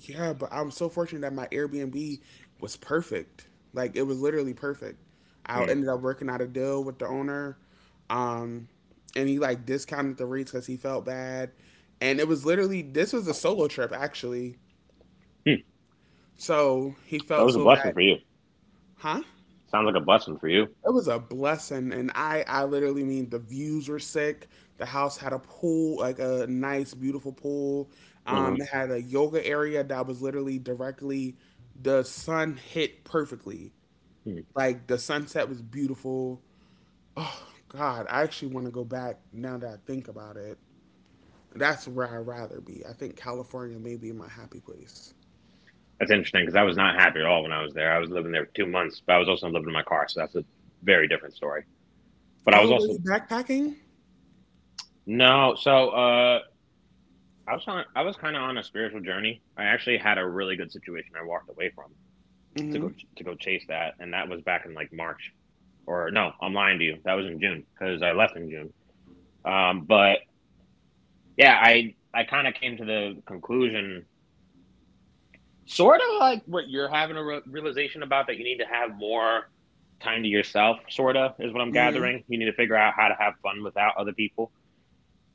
[SPEAKER 1] Yeah, but I'm so fortunate that my Airbnb was perfect. Like it was literally perfect. I
[SPEAKER 2] Hmm.
[SPEAKER 1] ended up working out a deal with the owner, um, and he like discounted the rates because he felt bad. And it was literally this was a solo trip actually,
[SPEAKER 2] Hmm.
[SPEAKER 1] so he
[SPEAKER 2] So it
[SPEAKER 1] felt
[SPEAKER 2] was a
[SPEAKER 1] so
[SPEAKER 2] blessing
[SPEAKER 1] bad,
[SPEAKER 2] for you.
[SPEAKER 1] huh?
[SPEAKER 2] Sounds like a blessing for you.
[SPEAKER 1] It was a blessing, and I literally mean the views were sick. The house had a pool, like a nice beautiful pool.
[SPEAKER 2] Mm-hmm.
[SPEAKER 1] It had a yoga area that was literally directly, the sun hit perfectly.
[SPEAKER 2] Hmm.
[SPEAKER 1] Like the sunset was beautiful. God, I actually want to go back now that I think about it. That's where I'd rather be. I think California may be my happy place.
[SPEAKER 2] That's interesting because I was not happy at all when I was there. I was living there for 2 months, but I was also living in my car, so that's a very different story. But I
[SPEAKER 1] Oh,
[SPEAKER 2] was
[SPEAKER 1] were you
[SPEAKER 2] also,
[SPEAKER 1] backpacking?
[SPEAKER 2] no, so I was kind of on a spiritual journey. I actually had a really good situation I walked away from to
[SPEAKER 1] Mm-hmm.
[SPEAKER 2] go to go chase that, and that was back in like March, or no, I'm lying to you. That was in June because I left in June. But yeah, I kind of came to the conclusion sort of like what you're having a realization about, that you need to have more time to yourself, sort of is what I'm
[SPEAKER 1] Mm-hmm.
[SPEAKER 2] gathering. You need to figure out how to have fun without other people.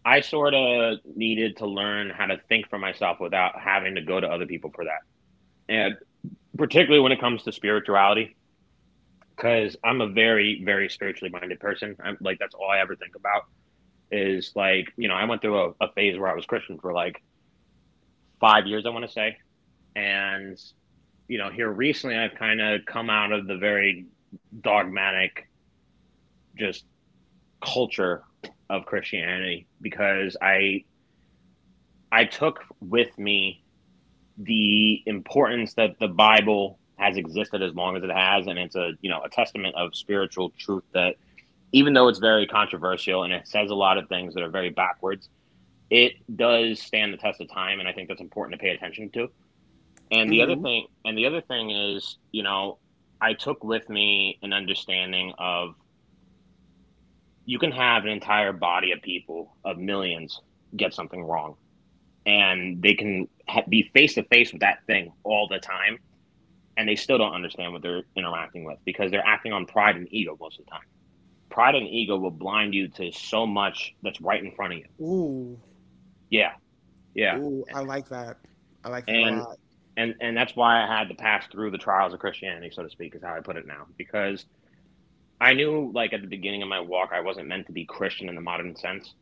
[SPEAKER 2] I sort of needed to learn how to think for myself without having to go to other people for that, and particularly when it comes to spirituality, because I'm a very very spiritually minded person. I'm like, that's all I ever think about. Is like, you know, I went through a phase where I was Christian for like 5 years, I want to say. And you know, here recently I've kind of come out of the very dogmatic, just, culture of Christianity, because I took with me the importance that the Bible has existed as long as it has, and it's a testament of spiritual truth, that even though it's very controversial, and it says a lot of things that are very backwards, it does stand the test of time, and I think that's important to pay attention to. And the other
[SPEAKER 1] Mm-hmm.
[SPEAKER 2] thing is, you know, I took with me an understanding of, you can have an entire body of people, of millions, get something wrong, and they can be face to face with that thing all the time, and they still don't understand what they're interacting with because they're acting on pride and ego most of the time. Pride and ego will blind you to so much that's right in front of you.
[SPEAKER 1] Ooh.
[SPEAKER 2] Yeah, yeah,
[SPEAKER 1] Ooh, I like that. I like that a
[SPEAKER 2] and
[SPEAKER 1] lot.
[SPEAKER 2] and that's why I had to pass through the trials of Christianity, so to speak, is how I put it now, because I knew, like, at the beginning of my walk I wasn't meant to be Christian in the modern sense.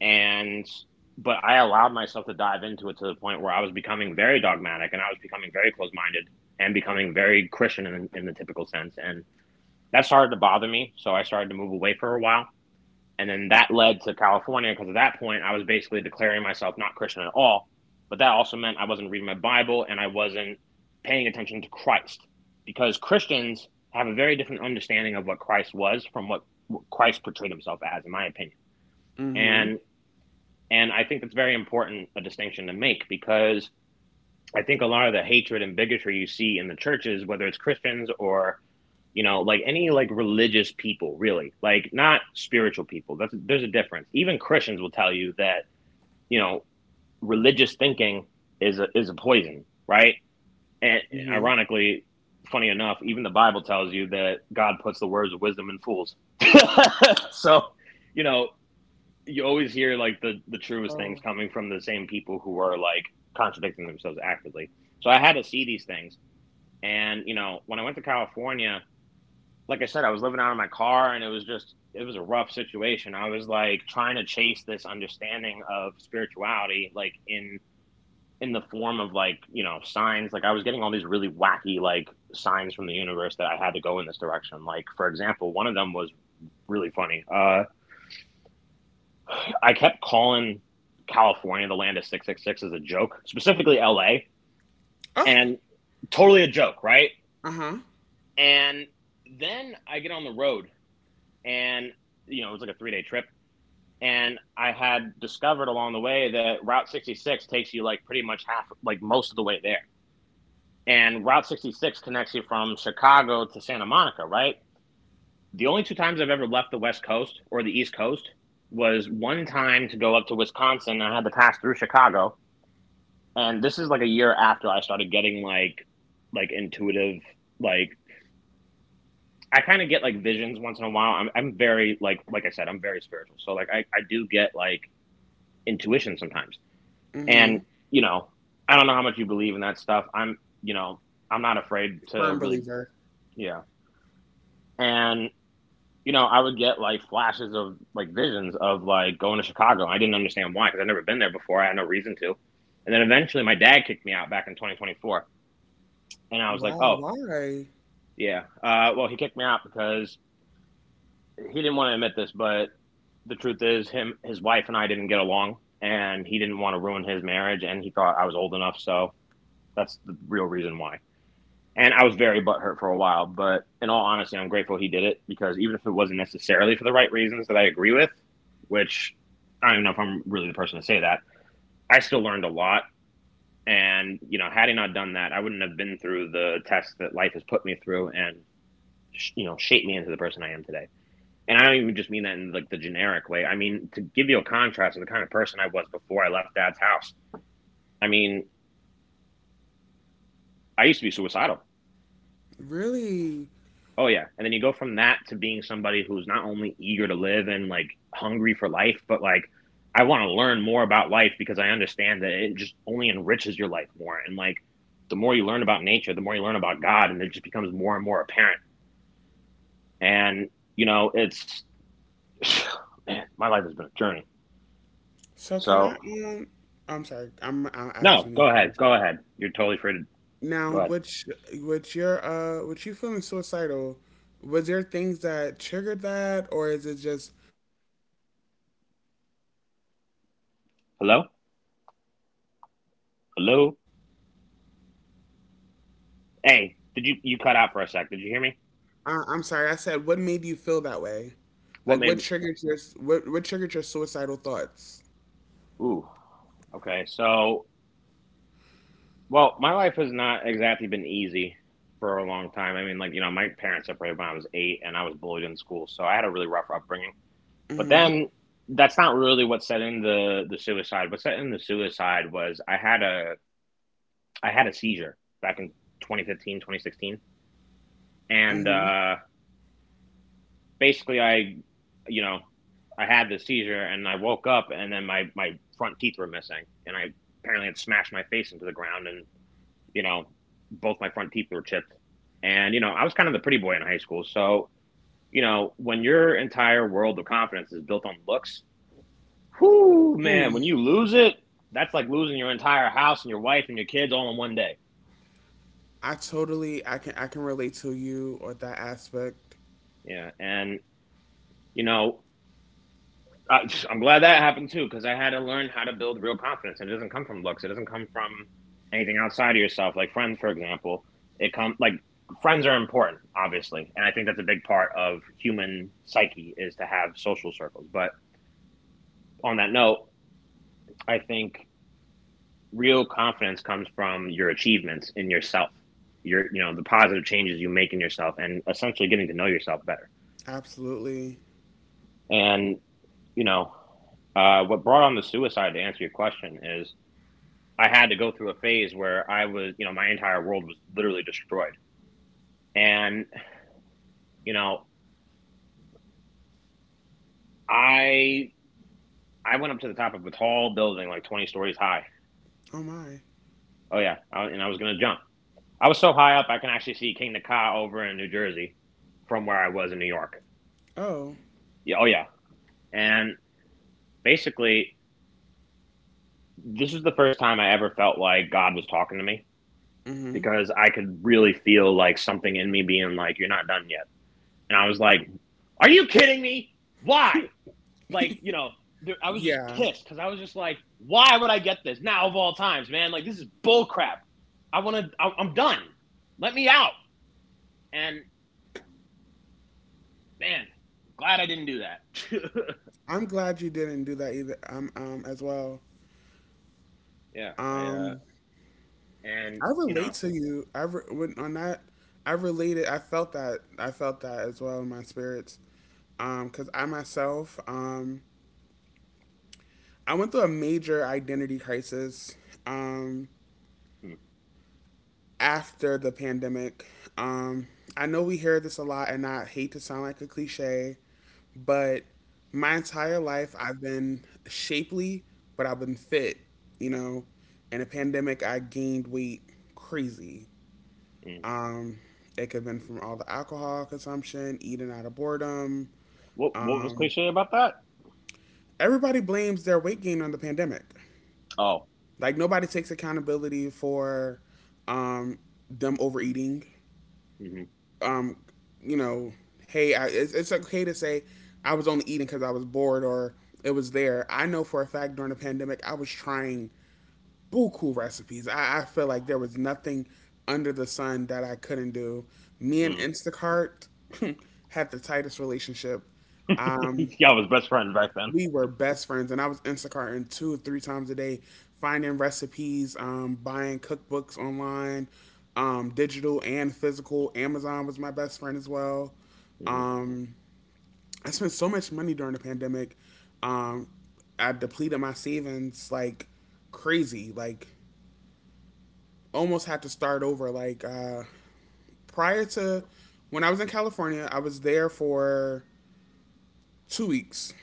[SPEAKER 2] And but I allowed myself to dive into it to the point where I was becoming very dogmatic and I was becoming very close minded, and becoming very Christian in the typical sense. And that started to bother me. So I started to move away for a while, and then that led to California because at that point I was basically declaring myself not Christian at all. But that also meant I wasn't reading my Bible, and I wasn't paying attention to Christ, because Christians have a very different understanding of what Christ was from what Christ portrayed himself as, in my opinion.
[SPEAKER 1] Mhm,
[SPEAKER 2] And and I think that's very important a distinction to make, because I think a lot of the hatred and bigotry you see in the churches, whether it's Christians or, you know, like any, like religious people, really, like not spiritual people, that's, there's a difference. Even Christians will tell you that, you know, religious thinking is a poison, right? And
[SPEAKER 1] mhm.
[SPEAKER 2] ironically, funny enough, even the Bible tells you that God puts the words of wisdom in fools so, you know, you always hear like the truest things coming from the same people who are like contradicting themselves actively. So I had to see these things. And you know, when I went to California, like I said, I was living out of my car and it was just, it was a rough situation. I was like trying to chase this understanding of spirituality, like in the form of, like, you know, signs. Like I was getting all these really wacky like signs from the universe that I had to go in this direction. Like, for example, one of them was really funny. I kept calling California the land of 666 as a joke, specifically LA,
[SPEAKER 1] Oh!
[SPEAKER 2] and totally a joke, right?
[SPEAKER 1] Uh-huh,
[SPEAKER 2] And then I get on the road and, you know, it was like a 3 day trip. And I had discovered along the way that Route 66 takes you like pretty much half, like most of the way there. And Route 66 connects you from Chicago to Santa Monica, right? The only two times I've ever left the West Coast or the East Coast was one time to go up to Wisconsin. I had to pass through Chicago. And this is like a year after I started getting like intuitive, like, I kind of get like visions once in a while. I'm very, like I said, I'm very spiritual. So, like, I do get like intuition sometimes. And,
[SPEAKER 1] mhm.
[SPEAKER 2] you know, I don't know how much you believe in that stuff. I'm not afraid to
[SPEAKER 1] Firm
[SPEAKER 2] really,
[SPEAKER 1] believer.
[SPEAKER 2] yeah. And, you know, I would get like flashes of like visions of like going to Chicago. I didn't understand why because I'd never been there before. I had no reason to. And then eventually my dad kicked me out back in 2024. And I was like,
[SPEAKER 1] Wow,
[SPEAKER 2] oh,
[SPEAKER 1] why?
[SPEAKER 2] yeah. Well, he kicked me out because he didn't want to admit this, but the truth is him his wife and I didn't get along, and he didn't want to ruin his marriage, and he thought I was old enough, so that's the real reason why. And I was very butthurt for a while, but in all honesty, I'm grateful he did it, because even if it wasn't necessarily for the right reasons that I agree with, which I don't even know if I'm really the person to say that, I still learned a lot. And, you know, had he not done that, I wouldn't have been through the tests that life has put me through, and, you know, shaped me into the person I am today. And I don't even just mean that in like the generic way. I mean, to give you a contrast of the kind of person I was before I left dad's house, I mean, I used to be suicidal.
[SPEAKER 1] Really?
[SPEAKER 2] Oh yeah, and then you go from that to being somebody who's not only eager to live and like hungry for life, but like I want to learn more about life because I understand that it just only enriches your life more. And like the more you learn about nature, the more you learn about God, and it just becomes more and more apparent. And you know, it's man, my life has been a journey.
[SPEAKER 1] So can
[SPEAKER 2] So
[SPEAKER 1] I, um I'm sorry, I'll ask
[SPEAKER 2] no,
[SPEAKER 1] when you
[SPEAKER 2] go
[SPEAKER 1] finish.
[SPEAKER 2] ahead, go ahead. You're totally free to
[SPEAKER 1] Now,
[SPEAKER 2] go ahead.
[SPEAKER 1] which you feeling suicidal, was there things that triggered that or is it just like what made you feel that way?
[SPEAKER 2] Hello, hello. Hey, did you cut out for a sec? Did you hear me?
[SPEAKER 1] I'm sorry, I said what made you feel that way? Like
[SPEAKER 2] What made?
[SPEAKER 1] what triggered your suicidal thoughts?
[SPEAKER 2] Ooh. Okay, so, well, my life has not exactly been easy for a long time. I mean, like, you know, my parents separated when I was 8 and I was bullied in school, so I had a really rough upbringing. But then that's not really what set in the suicide. What set in the suicide was I had a seizure back in 2015 2016, and basically you know, I had the seizure and I woke up and then my front teeth were missing and I apparently had smashed my face into the ground and you know, both my front teeth were chipped. And, you know, I was kind of the pretty boy in high school. So, you know, when your entire world of confidence is built on looks, whoo, man, when you lose it, that's like losing your entire house and your wife and your kids all in one day.
[SPEAKER 1] I can relate to you or that aspect.
[SPEAKER 2] Yeah. And, you know, I'm glad that happened too, because I had to learn how to build real confidence. And it doesn't come from looks. It doesn't come from anything outside of yourself. Like friends, for example, it come like friends are important, obviously, and I think that's a big part of human psyche is to have social circles. But on that note, I think real confidence comes from your achievements in yourself. The positive changes you make in yourself, and essentially getting to know yourself better.
[SPEAKER 1] Absolutely.
[SPEAKER 2] And you know, what brought on the suicide to answer your question is I had to go through a phase where I was, you know, my entire world was literally destroyed. And, you know, I I went up to the top of a tall building, like 20 stories high.
[SPEAKER 1] Oh my.
[SPEAKER 2] Oh yeah, I, and I was gonna jump. I was so high up, I can actually see King Ka over in New Jersey from where I was in New York.
[SPEAKER 1] Oh.
[SPEAKER 2] Yeah, oh yeah. And basically, this was the first time I ever felt like God was talking to me
[SPEAKER 1] Mhm.
[SPEAKER 2] because I could really feel like something in me being like, "You're not done yet." And I was like, "Are you kidding me? Why? like you know there, I was just
[SPEAKER 1] Yeah.
[SPEAKER 2] pissed because I was just like, why would I get this now of all times, man? Like, this is bull crap. I want to, I'm done. Let me out." And, man, glad I didn't do that.
[SPEAKER 1] I'm glad you didn't do that either. As well.
[SPEAKER 2] Yeah, I
[SPEAKER 1] Um
[SPEAKER 2] and
[SPEAKER 1] I
[SPEAKER 2] you know,
[SPEAKER 1] relate to you. When on that I related. I felt that as well in my spirits. Cuz I myself, I went through a major identity crisis. Um
[SPEAKER 2] hmm,
[SPEAKER 1] After the pandemic. Um, I know we hear this a lot, and I hate to sound like a cliche, but my entire life I've been shapely, but I've been fit, you know. In a pandemic, I gained weight crazy.
[SPEAKER 2] hmm.
[SPEAKER 1] Um, it could have been from all the alcohol consumption, eating out of boredom.
[SPEAKER 2] What was
[SPEAKER 1] Um,
[SPEAKER 2] cliche about that?
[SPEAKER 1] Everybody blames their weight gain on the pandemic.
[SPEAKER 2] Oh.
[SPEAKER 1] Like, nobody takes accountability for um, them overeating,
[SPEAKER 2] mm-hmm,
[SPEAKER 1] um, you know, hey, it's okay to say I was only eating because I was bored or it was there. I know for a fact during the pandemic, I was trying buku recipes. I feel like there was nothing under the sun that I couldn't do. Me
[SPEAKER 2] hmm
[SPEAKER 1] and
[SPEAKER 2] mm.
[SPEAKER 1] Instacart had the tightest relationship. Um,
[SPEAKER 2] Yeah, I was best friends back then.
[SPEAKER 1] we were best friends, and I was Instacarting 2 or 3 times a day, finding recipes, buying cookbooks online, digital and physical. Amazon was my best friend as well.
[SPEAKER 2] hmm
[SPEAKER 1] I spent so much money during the pandemic. Um, I depleted my savings like crazy. Like almost had to start over. Like prior to when I was in California, I was there for 2 weeks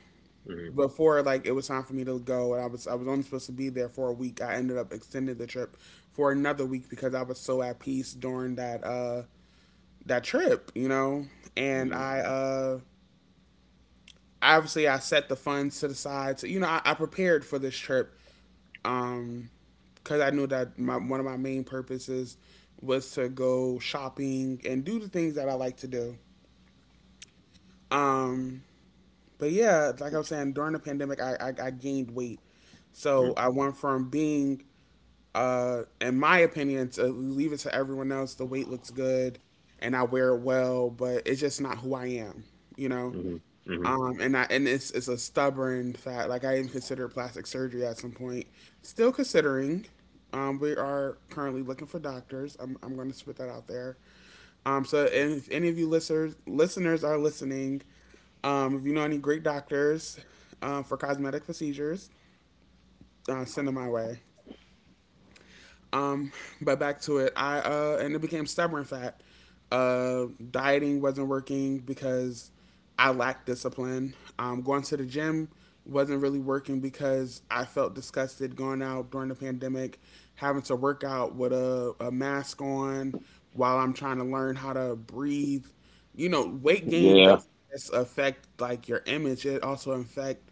[SPEAKER 1] before like it was time for me to go, and I was only supposed to be there for a week. I ended up extending the trip for another week because I was so at peace during that trip, you know? And
[SPEAKER 2] hmm
[SPEAKER 1] I obviously I set the funds to the side. So, you know, I prepared for this trip, um, because I knew that my one of my main purposes was to go shopping and do the things that I like to do. Um, but yeah, like I was saying, during the pandemic, I gained weight.
[SPEAKER 2] hmm
[SPEAKER 1] So I went from being, in my opinion, to leave it to everyone else, the weight looks good and I wear it well, but it's just not who I am, you know?
[SPEAKER 2] hmm hmm
[SPEAKER 1] And and it's a stubborn fact. Like I even considered plastic surgery at some point. Still considering. We are currently looking for doctors. I'm going to spit that out there. So if any of you listeners are listening, if you know any great doctors, for cosmetic procedures, send them my way. Um, but back to it. I And it became stubborn fat. Dieting wasn't working because I lacked discipline. Going to the gym wasn't really working because I felt disgusted going out during the pandemic, having to work out with a mask on while I'm trying to learn how to breathe. You know, weight gain
[SPEAKER 2] yeah,
[SPEAKER 1] doesn't just affect like your image; it also affect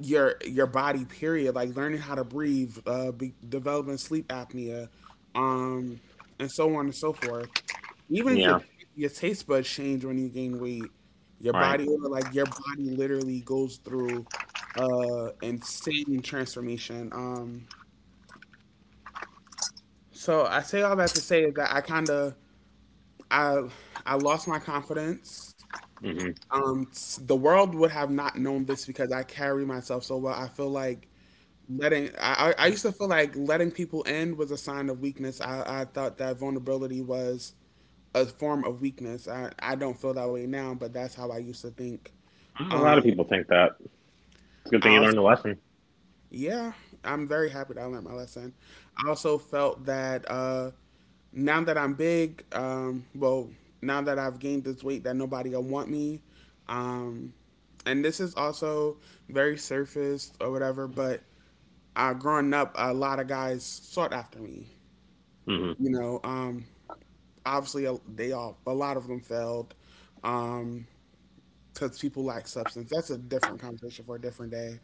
[SPEAKER 1] your body, period. Like learning how to breathe, developing sleep apnea um and so on and so forth. Even your
[SPEAKER 2] yeah.
[SPEAKER 1] your taste buds change when you gain weight. Your
[SPEAKER 2] Right.
[SPEAKER 1] body, like your body literally goes through insane transformation. So I say all that to say is that I kind of i I lost my confidence.
[SPEAKER 2] hmm
[SPEAKER 1] The world would have not known this because I carry myself so well. I feel like, Letting I used to feel like letting people in was a sign of weakness. I thought that vulnerability was a form of weakness. I don't feel that way now, but that's how I used to think.
[SPEAKER 2] a lot of
[SPEAKER 1] Um,
[SPEAKER 2] people think that it's a good
[SPEAKER 1] I
[SPEAKER 2] thing you
[SPEAKER 1] also,
[SPEAKER 2] learned the lesson.
[SPEAKER 1] yeah, I'm very happy that I learned my lesson. I also felt that, now that I'm big, well, now that I've gained this weight, that nobody will want me. Um, and this is also very surface or whatever, but growing up, a lot of guys sought after me. You know, obviously a- they all a lot of them failed, um, because people lack substance. That's a different conversation for a different day.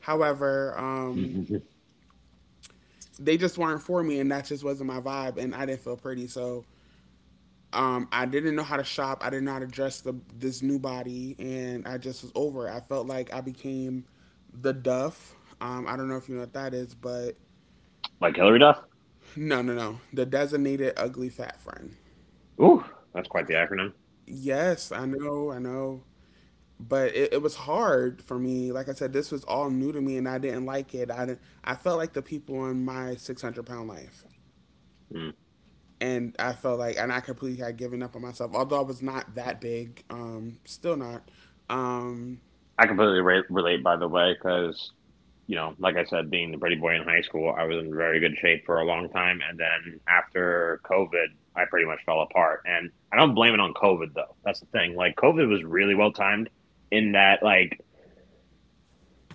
[SPEAKER 1] However,
[SPEAKER 2] hmm
[SPEAKER 1] they just weren't for me, and that just wasn't my vibe, and I didn't feel pretty. So I didn't know how to shop. I didn't know how to dress this new body, and I just was over. It. I felt like I became the Duff. I don't know if you know what that is, but
[SPEAKER 2] Like Hillary Duff?
[SPEAKER 1] no, no, no. The designated ugly fat friend.
[SPEAKER 2] Ooh, that's quite the acronym.
[SPEAKER 1] Yes, I know, I know. But it was hard for me. Like I said, this was all new to me, and I didn't like it. I didn't, I felt like the people in my 600-pound life,
[SPEAKER 2] Mm.
[SPEAKER 1] and and I completely had given up on myself. Although I was not that big, still not. Um,
[SPEAKER 2] I completely relate, by the way, because, you know, like I said, being the pretty boy in high school, I was in very good shape for a long time. And then after COVID, I pretty much fell apart. And I don't blame it on COVID, though. That's the thing. Like, COVID was really well timed in that, like,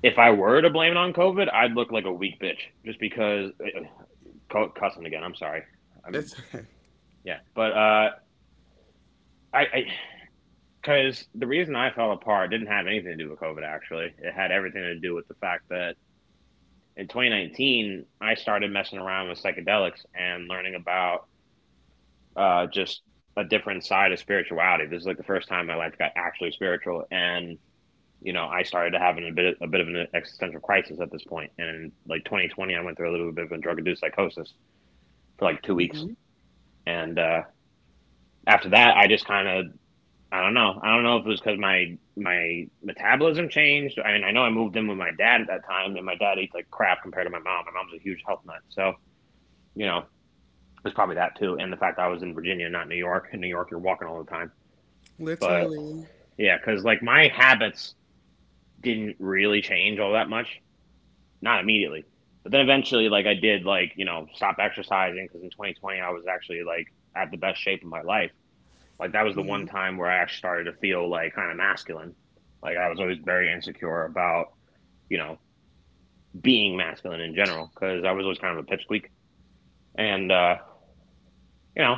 [SPEAKER 2] if I were to blame it on COVID, I'd look like a weak bitch just because. Cussing again, I'm sorry. I'm,
[SPEAKER 1] it's
[SPEAKER 2] yeah, but, I because the reason I fell apart didn't have anything to do with COVID, actually. It had everything to do with the fact that in 2019, I started messing around with psychedelics and learning about just a different side of spirituality. This is like the first time my life got actually spiritual. And, you know, I started to have a bit of an existential crisis at this point. And in like 2020, I went through a little bit of a drug induced psychosis for like two
[SPEAKER 1] Mhm.
[SPEAKER 2] weeks. And after that, I just kind of I don't know. I don't know if it was because my metabolism changed. I mean, I know I moved in with my dad at that time, and my dad eats like crap compared to my mom. My mom's a huge health nut, so you know it was probably that too, and the fact that I was in Virginia, not New York. In New York, you're walking all the time, but
[SPEAKER 1] Literally.
[SPEAKER 2] yeah, because like my habits didn't really change all that much, not immediately, but then eventually, like I did, like you know, stop exercising because in 2020 I was actually like at the best shape of my life. Like that was the
[SPEAKER 1] Hmm.
[SPEAKER 2] one time where I actually started to feel like kind of masculine. Like I was always very insecure about, you know, being masculine in general because I was always kind of a pipsqueak. And, you know,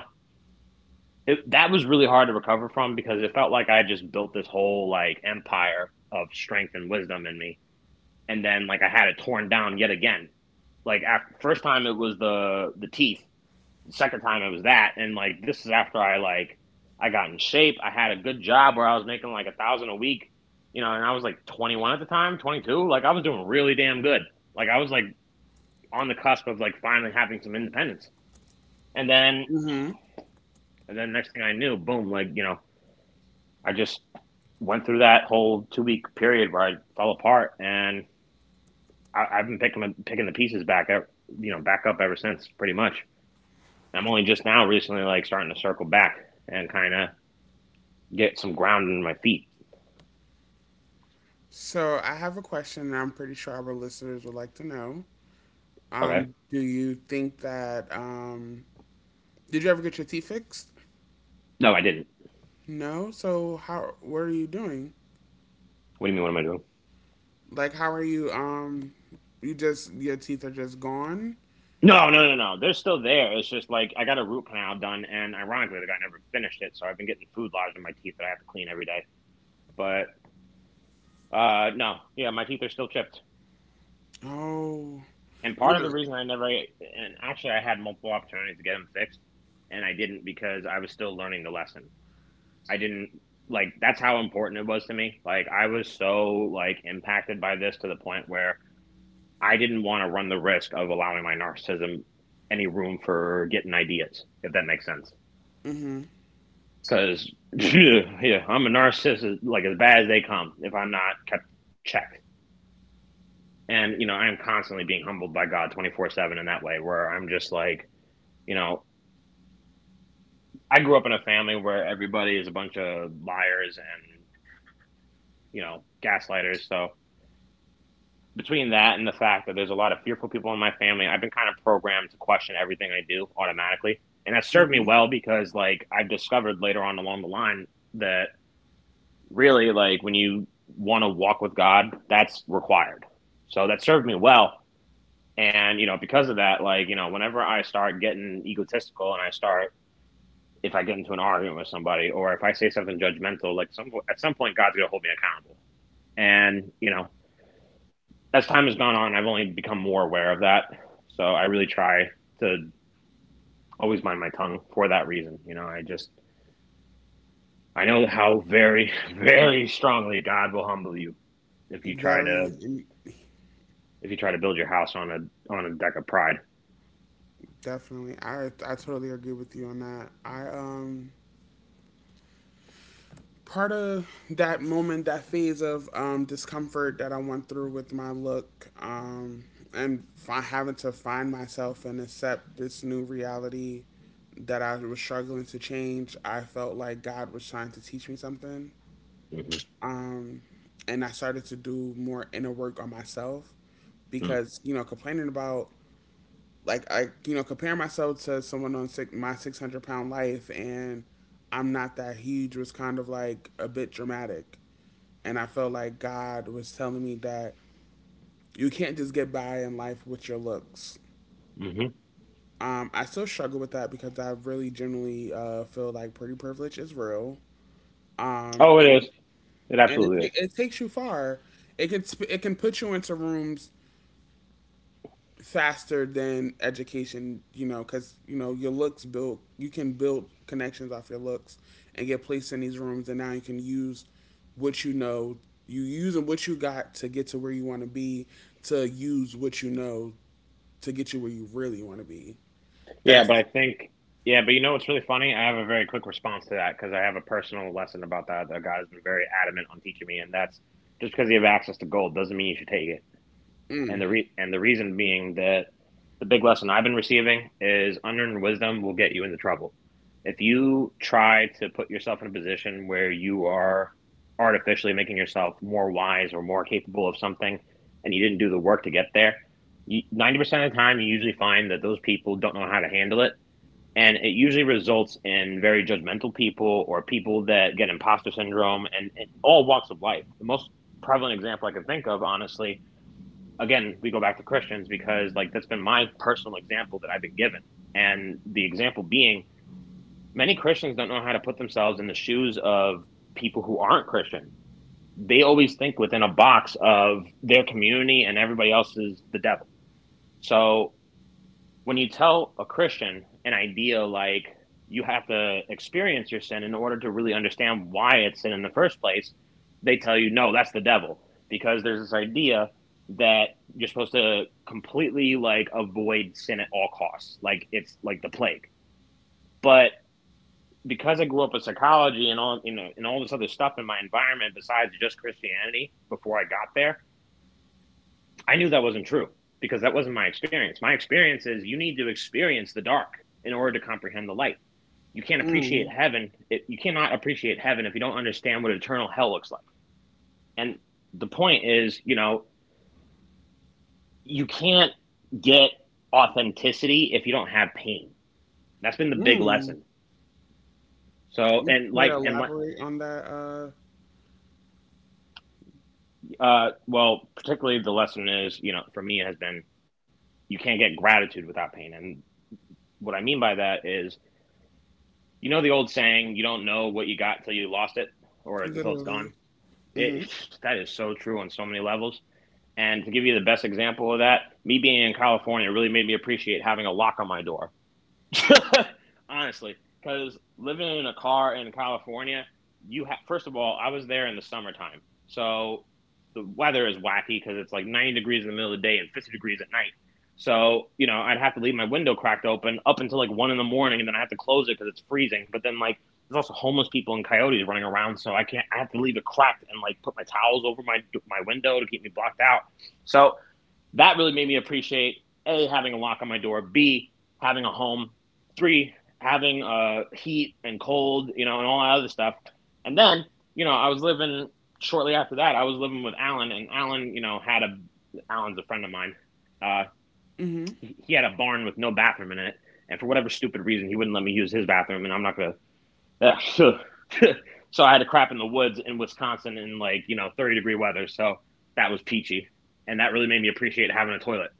[SPEAKER 2] that was really hard to recover from because it felt like I just built this whole like empire of strength and wisdom in me. And then like I had it torn down yet again. Like after, first time it was the teeth. The second time it was that, and like this is after I like I got in shape. I had a good job where I was making like 1,000 a week, you know, and I was like 21 at the time, 22. Like, I was doing really damn good. Like, I was like on the cusp of like finally having some independence. And then
[SPEAKER 1] Hmm.
[SPEAKER 2] and then next thing I knew, boom, like, you know, I just went through that whole 2 week period where I fell apart. And I've been picking the pieces back up, you know, back up ever since, pretty much. I'm only just now recently like starting to circle back and kind of get some ground in my feet.
[SPEAKER 1] So I have a question, and I'm pretty sure our listeners would like to know.
[SPEAKER 2] Okay.
[SPEAKER 1] Do you think that did you ever get your teeth fixed?
[SPEAKER 2] No, I didn't.
[SPEAKER 1] No. So how? What are you doing?
[SPEAKER 2] What do you mean? What am I doing?
[SPEAKER 1] Like, how are you? You just your teeth are just gone.
[SPEAKER 2] No. They're still there. It's just like I got a root canal done, and ironically, the guy never finished it, so I've been getting food lodged in my teeth that I have to clean every day. But no, yeah, my teeth are still chipped,
[SPEAKER 1] Oh,
[SPEAKER 2] and
[SPEAKER 1] you
[SPEAKER 2] part of
[SPEAKER 1] know.
[SPEAKER 2] the reason I never, and actually, I had multiple opportunities to get them fixed, and I didn't because I was still learning the lesson. I didn't like that's how important it was to me. Like I was so like impacted by this to the point where I didn't want to run the risk of allowing my narcissism any room for getting ideas, if that makes sense.
[SPEAKER 1] Mhm.
[SPEAKER 2] Because, yeah, I'm a narcissist, like as bad as they come, if I'm not kept checked. And, you know, I am constantly being humbled by God 24/7 in that way, where I'm just like, you know, I grew up in a family where everybody is a bunch of liars and, you know, gaslighters. So between that and the fact that there's a lot of fearful people in my family, I've been kind of programmed to question everything I do automatically. And that served me
[SPEAKER 1] Mhm.
[SPEAKER 2] well because, like, I've discovered later on along the line that really, like, when you want to walk with God, that's required. So that served me well. And, you know, because of that, like, you know, whenever I start getting egotistical and I start, if I get into an argument with somebody or if I say something judgmental, like, at some point, God's going to hold me accountable. And, you know, as time has gone on, I've only become more aware of that. So I really try to always mind my tongue for that reason. You know, I just I know how very, very strongly God will humble you if you try
[SPEAKER 1] Very
[SPEAKER 2] to
[SPEAKER 1] in-
[SPEAKER 2] if you try to build your house on a deck of pride.
[SPEAKER 1] Definitely. I totally agree with you on that. I Part of that moment, that phase of discomfort that I went through with my look, and having to find myself and accept this new reality that I was struggling to change. I felt like God was trying to teach me something.
[SPEAKER 2] Mm-hmm.
[SPEAKER 1] Um, and I started to do more inner work on myself because, you know, complaining about, like, compare myself to someone on my 600-pound life, and I'm not that huge was kind of like a bit dramatic. And I felt like God was telling me that you can't just get by in life with your looks.
[SPEAKER 2] Mm-hmm.
[SPEAKER 1] I still struggle with that because I really generally feel like pretty privilege is real. Um,
[SPEAKER 2] Oh, it is. It
[SPEAKER 1] and
[SPEAKER 2] absolutely is.
[SPEAKER 1] it takes you far. It can put you into rooms faster than education, you know, because you know your looks build. You can build connections off your looks and get placed in these rooms, and now you can use what you know. You using what you got to get to where you want to be. To use what you know to get you where you really want to be.
[SPEAKER 2] Yeah, but I
[SPEAKER 1] That's
[SPEAKER 2] think yeah, but you know what's really funny? I have a very quick response to that because I have a personal lesson about that that God has been very adamant on teaching me, and that's just because you have access to gold doesn't mean you should take it. And the and the reason being that the big lesson I've been receiving is unearned wisdom will get you into trouble. If you try to put yourself in a position where you are artificially making yourself more wise or more capable of something, and you didn't do the work to get there, you, 90% of the time you usually find that those people don't know how to handle it, and it usually results in very judgmental people or people that get imposter syndrome, and all walks of life. The most prevalent example I can think of, honestly, again, we go back to Christians because like that's been my personal example that I've been given. And the example being many Christians don't know how to put themselves in the shoes of people who aren't Christian. They always think within a box of their community and everybody else is the devil. So when you tell a Christian an idea like you have to experience your sin in order to really understand why it's sin in the first place, they tell you, no, that's the devil. Because there's this idea that you're supposed to completely like avoid sin at all costs. Like it's like the plague. But because I grew up with psychology and all you know and all this other stuff in my environment besides just Christianity before I got there, I knew that wasn't true because that wasn't my experience. My experience is you need to experience the dark in order to comprehend the light. You can't appreciate
[SPEAKER 1] Mm,
[SPEAKER 2] heaven. You cannot appreciate heaven if you don't understand what eternal hell looks like. And the point is, you know, you can't get authenticity if you don't have pain. That's been the big
[SPEAKER 1] mm.
[SPEAKER 2] lesson. So,
[SPEAKER 1] You
[SPEAKER 2] and
[SPEAKER 1] could
[SPEAKER 2] like, and like,
[SPEAKER 1] elaborate on that.
[SPEAKER 2] well, particularly the lesson is, you know, for me has been you can't get gratitude without pain. And what I mean by that is you know the old saying, you don't know what you got till you lost it or until it's
[SPEAKER 1] Literally.
[SPEAKER 2] gone?
[SPEAKER 1] Mm-hmm.
[SPEAKER 2] It, that is so true on so many levels. And to give you the best example of that, me being in California really made me appreciate having a lock on my door. Honestly, because living in a car in California, you have, first of all, I was there in the summertime, so the weather is wacky because it's like 90 degrees in the middle of the day and 50 degrees at night. So you know, I'd have to leave my window cracked open up until like one in the morning, and then I have to close it because it's freezing. But then like there's also homeless people and coyotes running around, so I can't. I have to leave it cracked and like put my towels over my window to keep me blocked out. So that really made me appreciate a, having a lock on my door, b, having a home, three, having heat and cold, you know, and all that other stuff. And then you know, I was living shortly after that I was living with Alan, and alan you know had a Alan's a friend of mine. uh
[SPEAKER 1] Mm-hmm.
[SPEAKER 2] he had a barn with no bathroom in it, and for whatever stupid reason he wouldn't let me use his bathroom, and I'm not gonna. So I had to crap in the woods in Wisconsin in like, you know, 30-degree weather, so that was peachy. And that really made me appreciate having a toilet.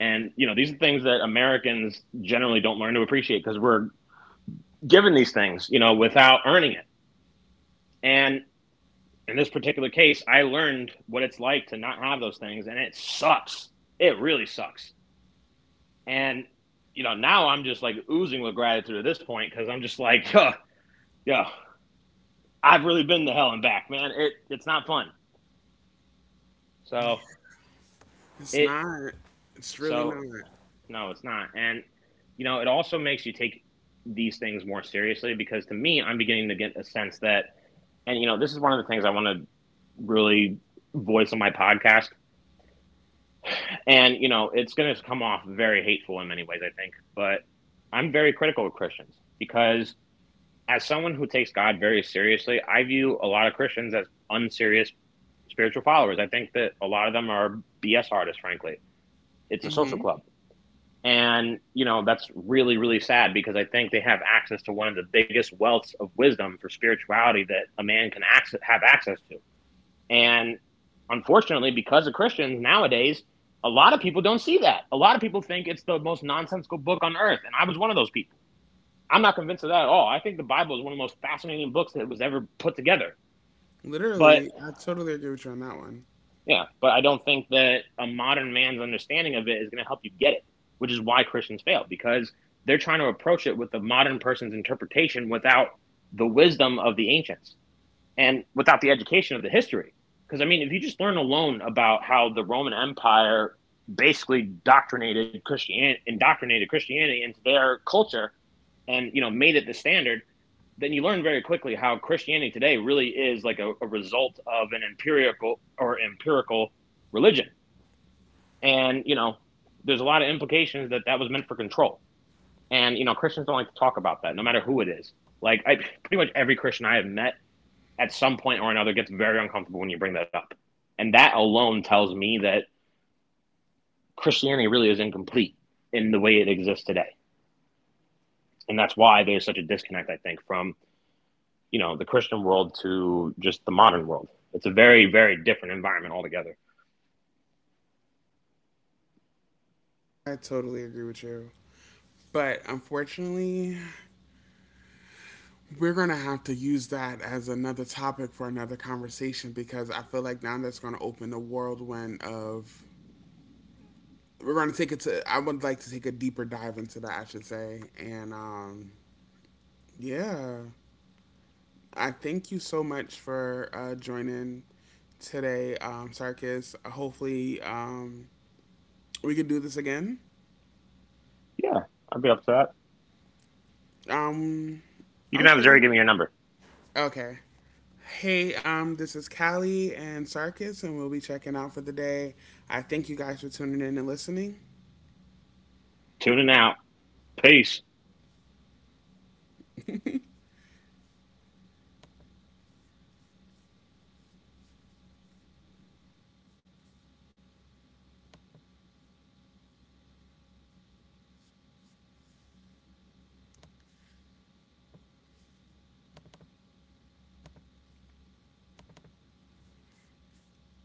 [SPEAKER 2] And you know, these are things that Americans generally don't learn to appreciate because we're given these things, you know, without earning it. And in this particular case, I learned what it's like to not have those things, and it sucks. It really sucks. And you know, now I'm just like oozing with gratitude at this point because I'm just like, huh, yeah, I've really been to hell and back, man. It's not fun. So
[SPEAKER 1] It's
[SPEAKER 2] it
[SPEAKER 1] not. It's really not.
[SPEAKER 2] so No, it's not. And you know, it also makes you take these things more seriously because to me, I'm beginning to get a sense that. And you know, this is one of the things I want to really voice on my podcast. And you know, it's going to come off very hateful in many ways, I think, but I'm very critical of Christians because as someone who takes God very seriously, I view a lot of Christians as unserious spiritual followers. I think that a lot of them are BS artists, frankly. It's a social
[SPEAKER 1] Hmm.
[SPEAKER 2] club. And, you know, that's really, really sad because I think they have access to one of the biggest wealths of wisdom for spirituality that a man can access, have access to. And unfortunately, because of Christians nowadays, a lot of people don't see that. A lot of people think it's the most nonsensical book on earth, and I was one of those people. I'm not convinced of that at all. I think the Bible is one of the most fascinating books that was ever put together. But
[SPEAKER 1] Literally, I totally agree with you on that one.
[SPEAKER 2] Yeah, but I don't think that a modern man's understanding of it is going to help you get it, which is why Christians fail because they're trying to approach it with the modern person's interpretation without the wisdom of the ancients, and without the education of the history. Because I mean, if you just learn alone about how the Roman Empire basically indoctrinated Christianity into their culture and you know made it the standard, then you learn very quickly how Christianity today really is like a result of an empirical religion. And you know, there's a lot of implications that that was meant for control. And you know, Christians don't like to talk about that, no matter who it is. Like I, Pretty much every Christian I have met at some point or another gets very uncomfortable when you bring that up. And that alone tells me that Christianity really is incomplete in the way it exists today. And that's why there's such a disconnect, I think, from, you know, the Christian world to just the modern world. It's a very, very different environment altogether.
[SPEAKER 1] I totally agree with you. But unfortunately, we're going to have to use that as another topic for another conversation because I feel like now that's going to open a whirlwind of. We're going to take it to. I would like to take a deeper dive into that, I should say. And yeah, I thank you so much for joining today, Sarkis. Hopefully, we could do this again.
[SPEAKER 2] Yeah, I'd be up to that.
[SPEAKER 1] Um,
[SPEAKER 2] You can have Zuri
[SPEAKER 1] okay.
[SPEAKER 2] give me your number.
[SPEAKER 1] Okay. Hey, this is Callie and Sarkis, and we'll be checking out for the day. I thank you guys for tuning in and listening.
[SPEAKER 2] Tuning out. Peace.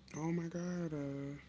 [SPEAKER 1] Oh my god.